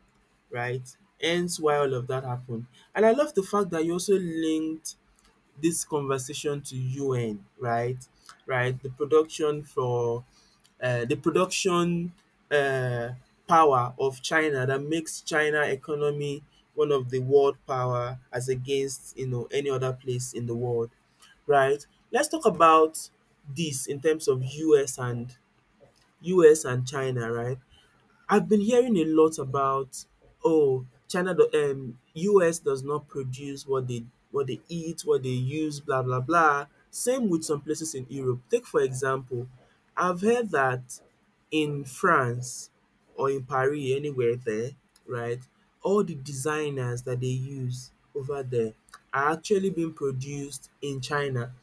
[SPEAKER 2] right? Hence why all of that happened. And I love the fact that you also linked this conversation to UN, right? Right, the production for the production uh, power of China that makes China economy one of the world power as against, you know, any other place in the world, right? Let's talk about this in terms of US and China, right? I've been hearing a lot about, oh, US does not produce what they, what they eat, what they use, blah blah blah. Same with some places in Europe. Take for example, I've heard that in France or in Paris, anywhere there, right? All the designers that they use over there are actually being produced in China.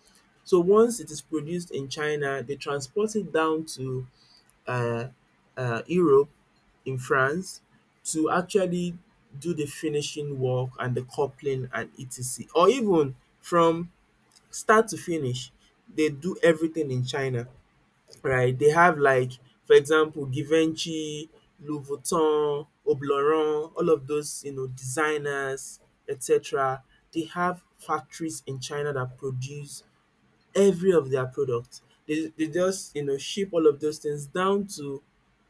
[SPEAKER 2] So once it is produced in China, they transport it down to uh, Europe in France to actually do the finishing work and the coupling and etc. Or even from start to finish, they do everything in China, right? They have like, for example, Givenchy, Louis Vuitton, Obleron, all of those, you know, designers, etc. They have factories in China that produce every of their products. They just, you know, ship all of those things down to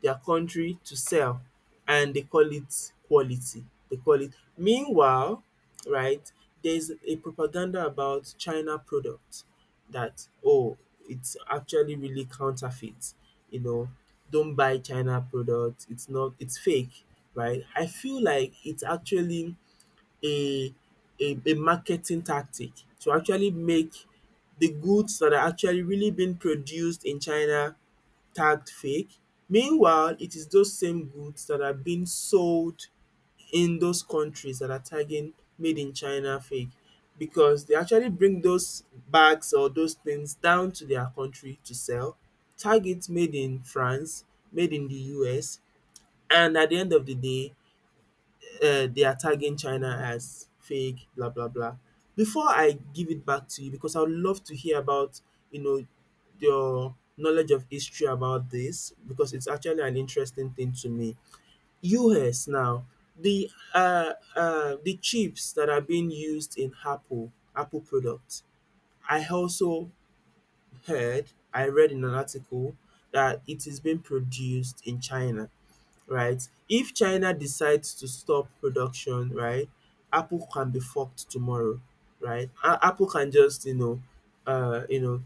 [SPEAKER 2] their country to sell and they call it quality. They call it, meanwhile, right, there's a propaganda about China products that, oh, it's actually really counterfeit. You know, don't buy China products, it's not it's fake, right? I feel like it's actually a a marketing tactic to actually make the goods that are actually really being produced in China tagged fake. Meanwhile, it is those same goods that are being sold in those countries that are tagging made in China fake because they actually bring those bags or those things down to their country to sell, tag it made in France, made in the US, and at the end of the day they are tagging China as fake, blah blah blah. Before I give it back to you, because I would love to hear about, you know, your knowledge of history about this, because it's actually an interesting thing to me. US now, the chips that are being used in Apple products. I also heard, I read in an article that it is being produced in China, right? If China decides to stop production, right, Apple can be fucked tomorrow, right? Apple can just, you know,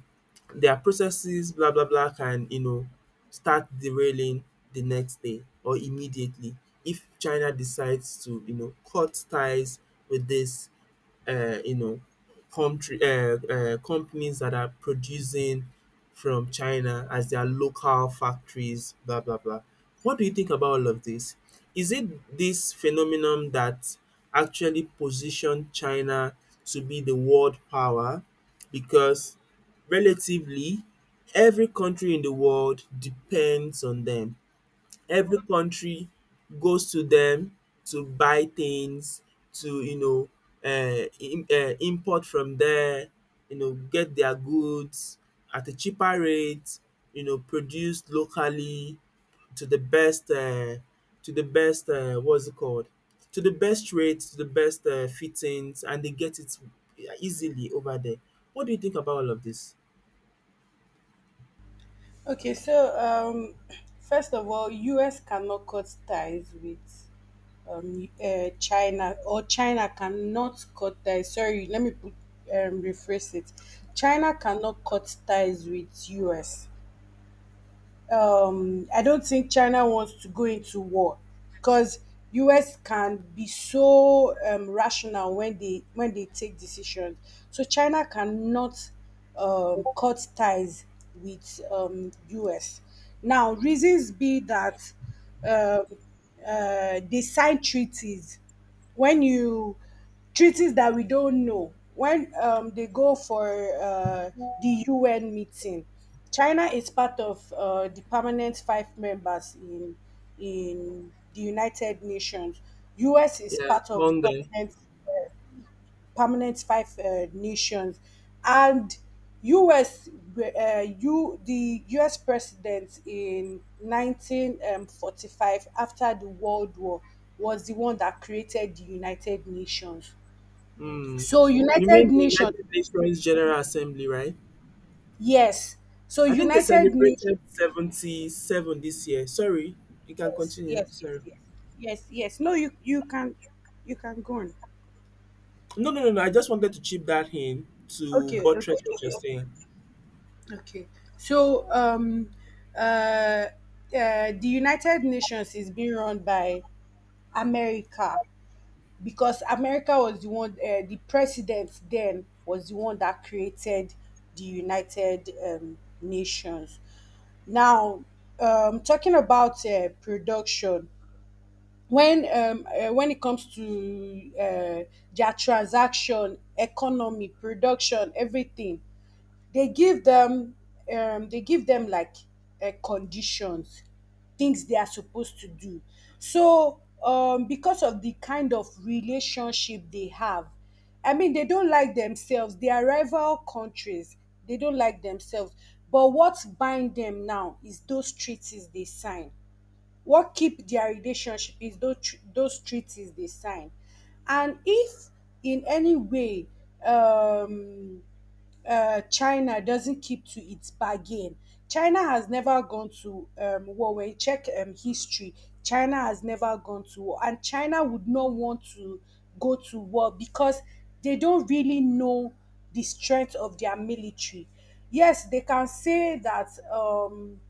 [SPEAKER 2] their processes, blah blah blah, can, you know, start derailing the next day or immediately if China decides to, you know, cut ties with this, you know, country, companies that are producing from China as their local factories, blah blah blah. What do you think about all of this? Is it this phenomenon that actually positioned China to be the world power? Because relatively, every country in the world depends on them, every country goes to them to buy things, to, you know, im import from there, you know, get their goods at a cheaper rate, you know, produced locally to the best what's it called, to the best rates, to the best fittings, and they get it easily over there. What do you think about all of this?
[SPEAKER 1] Okay, so first of all, US cannot cut ties with China, or China cannot cut ties. Sorry, let me put, rephrase it. China cannot cut ties with US. I don't think China wants to go into war because US can be so rational when they take decisions. So China cannot cut ties with US. Now reasons be that um they sign treaties when you treaties that we don't know. When they go for uh, the UN meeting, China is part of the permanent 5 members in the United Nations. US is
[SPEAKER 2] Yeah,
[SPEAKER 1] part of the
[SPEAKER 2] hunger.
[SPEAKER 1] permanent five nations, and US you the US president in 1945 after the World War was the one that created the United Nations.
[SPEAKER 2] Mm.
[SPEAKER 1] So
[SPEAKER 2] You
[SPEAKER 1] United
[SPEAKER 2] mean the
[SPEAKER 1] Nations,
[SPEAKER 2] United Nations General Assembly, right?
[SPEAKER 1] yes. So
[SPEAKER 2] I think they
[SPEAKER 1] United Nations,
[SPEAKER 2] celebrated 77 this year. Sorry, you can
[SPEAKER 1] yes,
[SPEAKER 2] continue.
[SPEAKER 1] yes, yes,
[SPEAKER 2] Sorry.
[SPEAKER 1] yes, yes, yes. No, you can go on.
[SPEAKER 2] No, no, no, no. I just wanted to chip that in to
[SPEAKER 1] Okay,
[SPEAKER 2] buttress
[SPEAKER 1] okay,
[SPEAKER 2] what you're
[SPEAKER 1] okay,
[SPEAKER 2] saying.
[SPEAKER 1] okay. So uh, uh, the United Nations is being run by America because America was the one, the president then was the one that created the United Nations. Now, talking about production, when when it comes to their transaction, economy, production, everything, they give them they give them like conditions, things they are supposed to do. So because of the kind of relationship they have, I mean they don't like themselves. They are rival countries. They don't like themselves. But what bind them now is those treaties they sign, what keep dia relationship is those those treaties dey sign. And if in any way um China doesn't keep to its bargain, China has never gone to war. When you check history, China has never gone to war, and China would not want to go to war because they don't really know the strength of their military. Yes, they can say that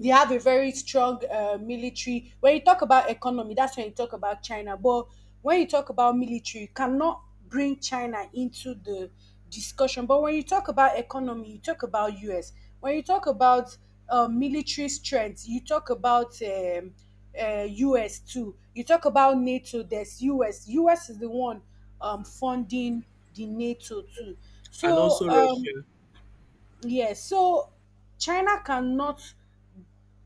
[SPEAKER 1] they have a very strong military. When you talk about economy, that's when you talk about China. But when you talk about military, you cannot bring China into the discussion. But when you talk about economy, you talk about US. When you talk about military strength, you talk about US too. You talk about NATO. There's US. US is the one funding the NATO too.
[SPEAKER 2] And
[SPEAKER 1] So
[SPEAKER 2] also Russia.
[SPEAKER 1] yes, so China cannot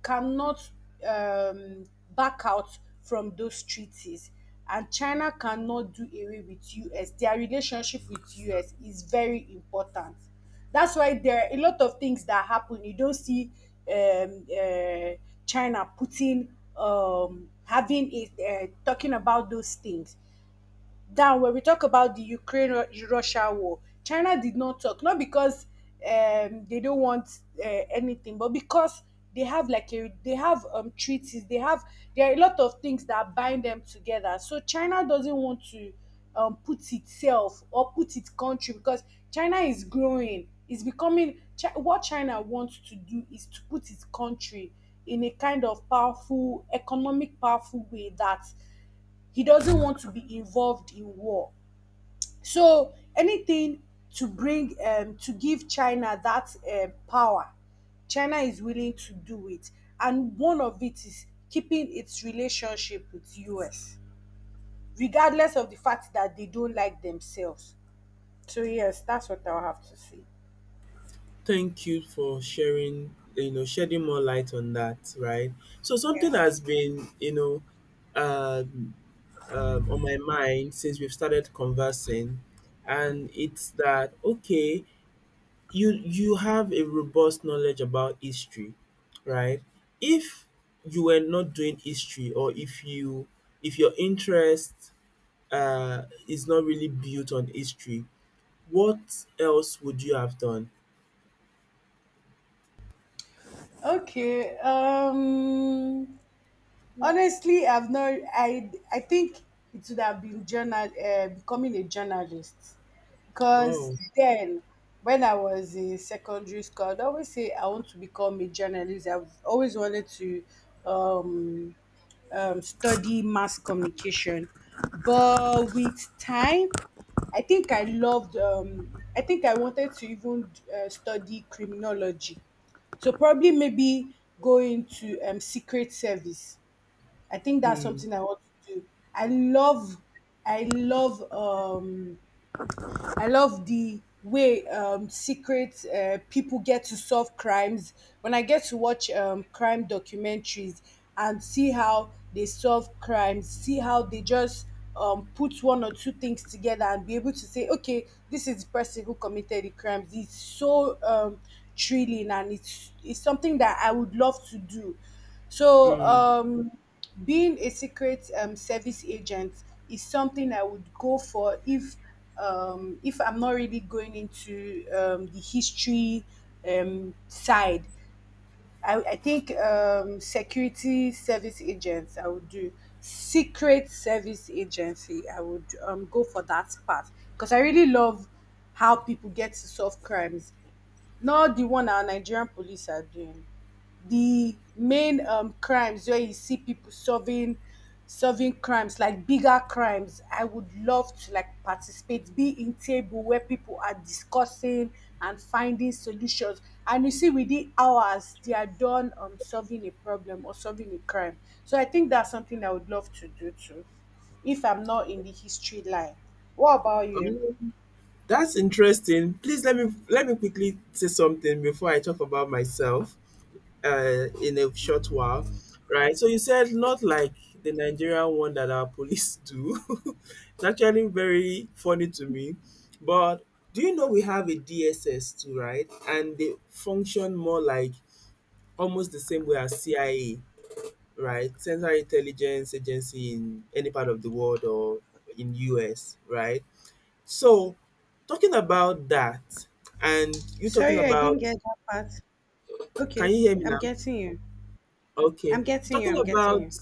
[SPEAKER 1] cannot um, back out from those treaties. And China cannot do away with US. Their relationship with US is very important. That's why there are a lot of things that happen you don't see um, uh, China putting, having it, talking about those things down. When we talk about the Ukraine Russia war, China did not talk, not because they don't want anything, but because they have, treaties, they have there are a lot of things that bind them together. So China doesn't want to put itself or put its country because China is growing, is becoming what China wants to do is to put its country in a kind of powerful economic powerful way that he doesn't want to be involved in war. So anything to give China that power, China is willing to do it. And one of it is keeping its relationship with US, regardless of the fact that they don't like themselves. So yes, that's what I'll have to say.
[SPEAKER 2] Thank you for sharing, you know, shedding more light on that, right? So something has been, you know, um, on my mind since we've started conversing, and it's that, okay? You have a robust knowledge about history, right? If you were not doing history or if you if your interest is not really built on history, what else would you have done?
[SPEAKER 1] Okay. Honestly, I've not. I think it would have been journal becoming a journalist, because
[SPEAKER 2] Oh,
[SPEAKER 1] then when I was in secondary school, I'd always say I want to become a journalist. I've always wanted to um, study mass communication, but with time, I think I loved. I think I wanted to even study criminology. So probably maybe go into secret service. I think that's
[SPEAKER 2] mm,
[SPEAKER 1] something I want to do. I love, I love um I love the way secret people get to solve crimes. When I get to watch crime documentaries and see how they solve crimes, see how they just put one or two things together and be able to say, okay, this is the person who committed the crimes. It's so thrilling, and it's something that I would love to do. So,
[SPEAKER 2] mm.
[SPEAKER 1] being a secret service agent is something I would go for if I'm not really going into the history side. I think security service agents, I would do secret service agency, I would go for that part because I really love how people get to solve crimes, not the one our Nigerian police are doing. The main crimes where you see people solving crimes, like bigger crimes, I would love to, like, participate, be in table where people are discussing and finding solutions, and you see within hours they are done solving a problem or solving a crime. So I think that's something I would love to do too if I'm not in the history line. What about you?
[SPEAKER 2] Um, that's interesting. Please let me quickly say something before I talk about myself in a short while, right? So you said not like the Nigerian one that our police do. It's actually very funny to me. But do you know we have a DSS too, right? And they function more like almost the same way as CIA, right? Central Intelligence Agency in any part of the world or in US, right? So talking about that and you talking
[SPEAKER 1] Sorry, I didn't get
[SPEAKER 2] about,
[SPEAKER 1] that part.
[SPEAKER 2] can
[SPEAKER 1] Okay.
[SPEAKER 2] you hear me
[SPEAKER 1] I'm
[SPEAKER 2] now?
[SPEAKER 1] getting you.
[SPEAKER 2] Okay.
[SPEAKER 1] I'm
[SPEAKER 2] So
[SPEAKER 1] getting you.
[SPEAKER 2] talking
[SPEAKER 1] I'm getting
[SPEAKER 2] about,
[SPEAKER 1] you.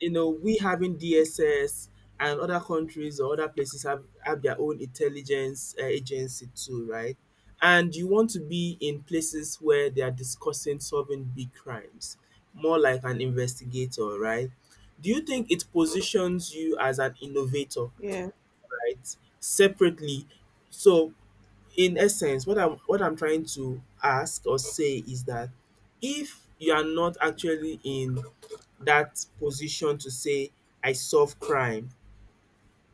[SPEAKER 2] you know, we having DSS and other countries or other places have, their own intelligence agency too, right? And you want to be in places where they are discussing solving big crimes, more like an investigator, right? Do you think it positions you as an innovator,
[SPEAKER 1] Yeah.
[SPEAKER 2] right? Separately. So in essence, what I'm trying to ask or say is that if you are not actually in that position to say I solve crime,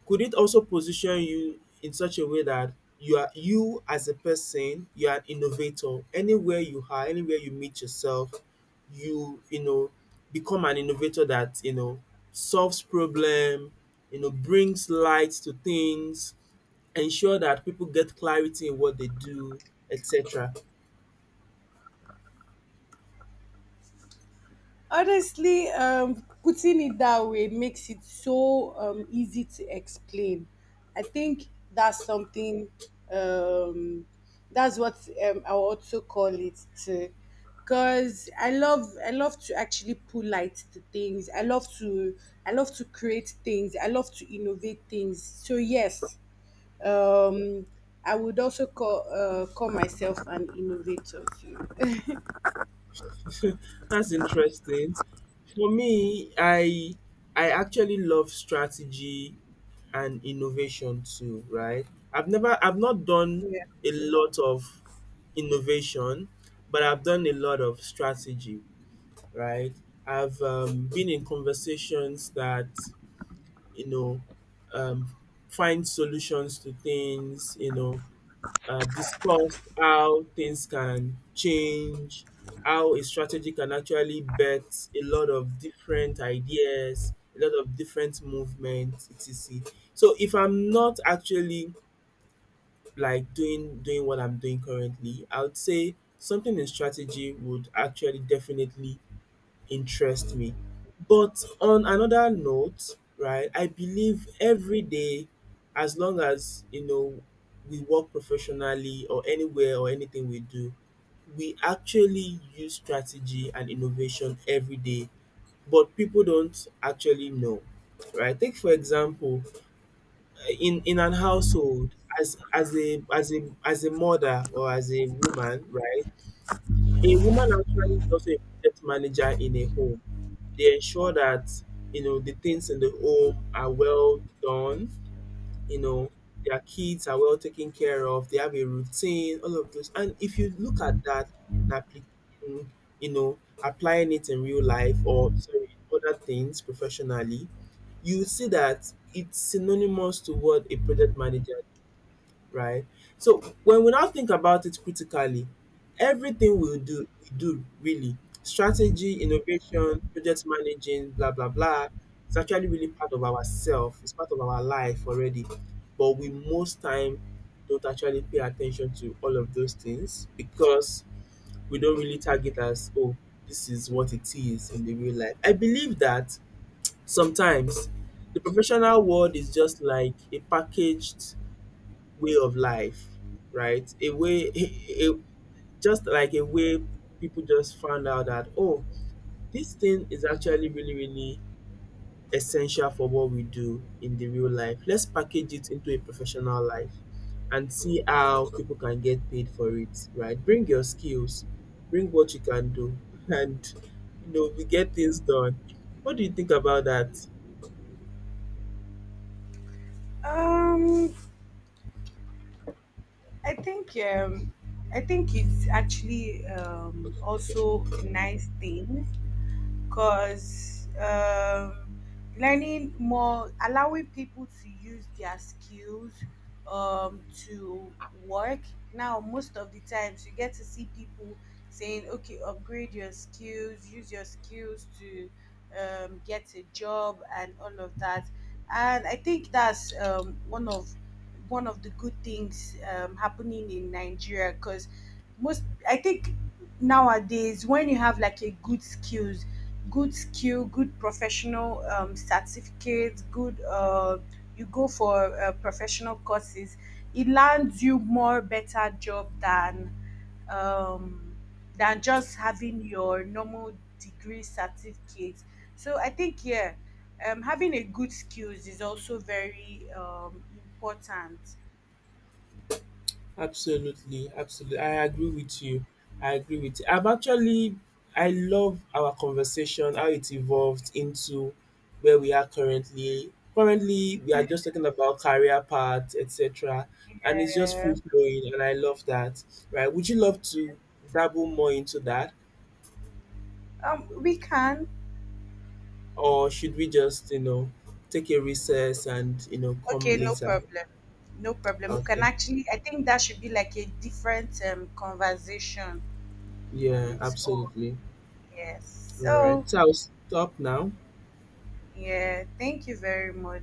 [SPEAKER 2] could it also position you in such a way that you, as a person, you are an innovator anywhere you are, anywhere you meet yourself, you know, become an innovator that, you know, solves problem, you know, brings light to things, ensure that people get clarity in what they do, etc.
[SPEAKER 1] Honestly, putting it that way makes it so easy to explain. I think that's something, um, that's what I will also call it too. Because I love to actually pull light to things. I love to create things. I love to innovate things. So yes, um, I would also call myself an innovator too.
[SPEAKER 2] That's interesting. For me, I actually love strategy and innovation too, right? I've not done
[SPEAKER 1] Yeah.
[SPEAKER 2] a lot of innovation, but I've done a lot of strategy, right? I've been in conversations that, you know, um, find solutions to things, you know, discussed how things can change, how a strategy can actually bet a lot of different ideas, a lot of different movements, et cetera. So if I'm not actually like doing what I'm doing currently, I would say something in strategy would actually definitely interest me. But on another note, right, I believe every day, as long as, you know, we work professionally or anywhere or anything we do, we actually use strategy and innovation every day, but people don't actually know. Right? Take for example, in an household, as a mother or as a woman, right? A woman actually is also a project manager in a home. They ensure that, you know, the things in the home are well done, you know, their kids are well taken care of, they have a routine, all of those. And if you look at that in application, you know, applying it in real life, or sorry, other things professionally, you see that it's synonymous to what a project manager, right? So when we now think about it critically, everything we do really, strategy, innovation, project managing, blah blah blah, it's actually really part of ourself. It's part of our life already, but we most time don't actually pay attention to all of those things because we don't really target as, oh, this is what it is in the real life. I believe that sometimes the professional world is just like a packaged way of life, right? A way, a, just like a way people just found out that, oh, this thing is actually really, really essential for what we do in the real life. Let's package it into a professional life and see how people can get paid for it, right? Bring your skills, bring what you can do, and, you know, we get things done. What do you think about that?
[SPEAKER 1] Um, I think um, I think it's actually also a nice thing because learning more, allowing people to use their skills to work. Now, most of the times, you get to see people saying, okay, upgrade your skills, use your skills to get a job, and all of that. And I think that's one of the good things happening in Nigeria because most, I think, nowadays when you have like a good skills, good skill, good professional certificate, good you go for professional courses, it lands you more better job um, than just having your normal degree certificate. So I think, yeah, having a good skills is also very important.
[SPEAKER 2] Absolutely, absolutely. I agree with you. I agree with you. I've actually, I love our conversation, how it evolved into where we are currently. Currently, we are just talking about career paths, etc. And it's just
[SPEAKER 1] uh,
[SPEAKER 2] free flowing, and I love that. Right? Would you love to dabble more into that,
[SPEAKER 1] we can.
[SPEAKER 2] or should we just, you know, take a recess and you know
[SPEAKER 1] Okay,
[SPEAKER 2] come
[SPEAKER 1] no
[SPEAKER 2] later?
[SPEAKER 1] problem. No problem. We can
[SPEAKER 2] Okay.
[SPEAKER 1] actually, I think that should be like a different conversation on
[SPEAKER 2] Yeah,
[SPEAKER 1] its own.
[SPEAKER 2] absolutely.
[SPEAKER 1] Yes.
[SPEAKER 2] All right.
[SPEAKER 1] So,
[SPEAKER 2] So I'll stop now.
[SPEAKER 1] yeah, thank you very much.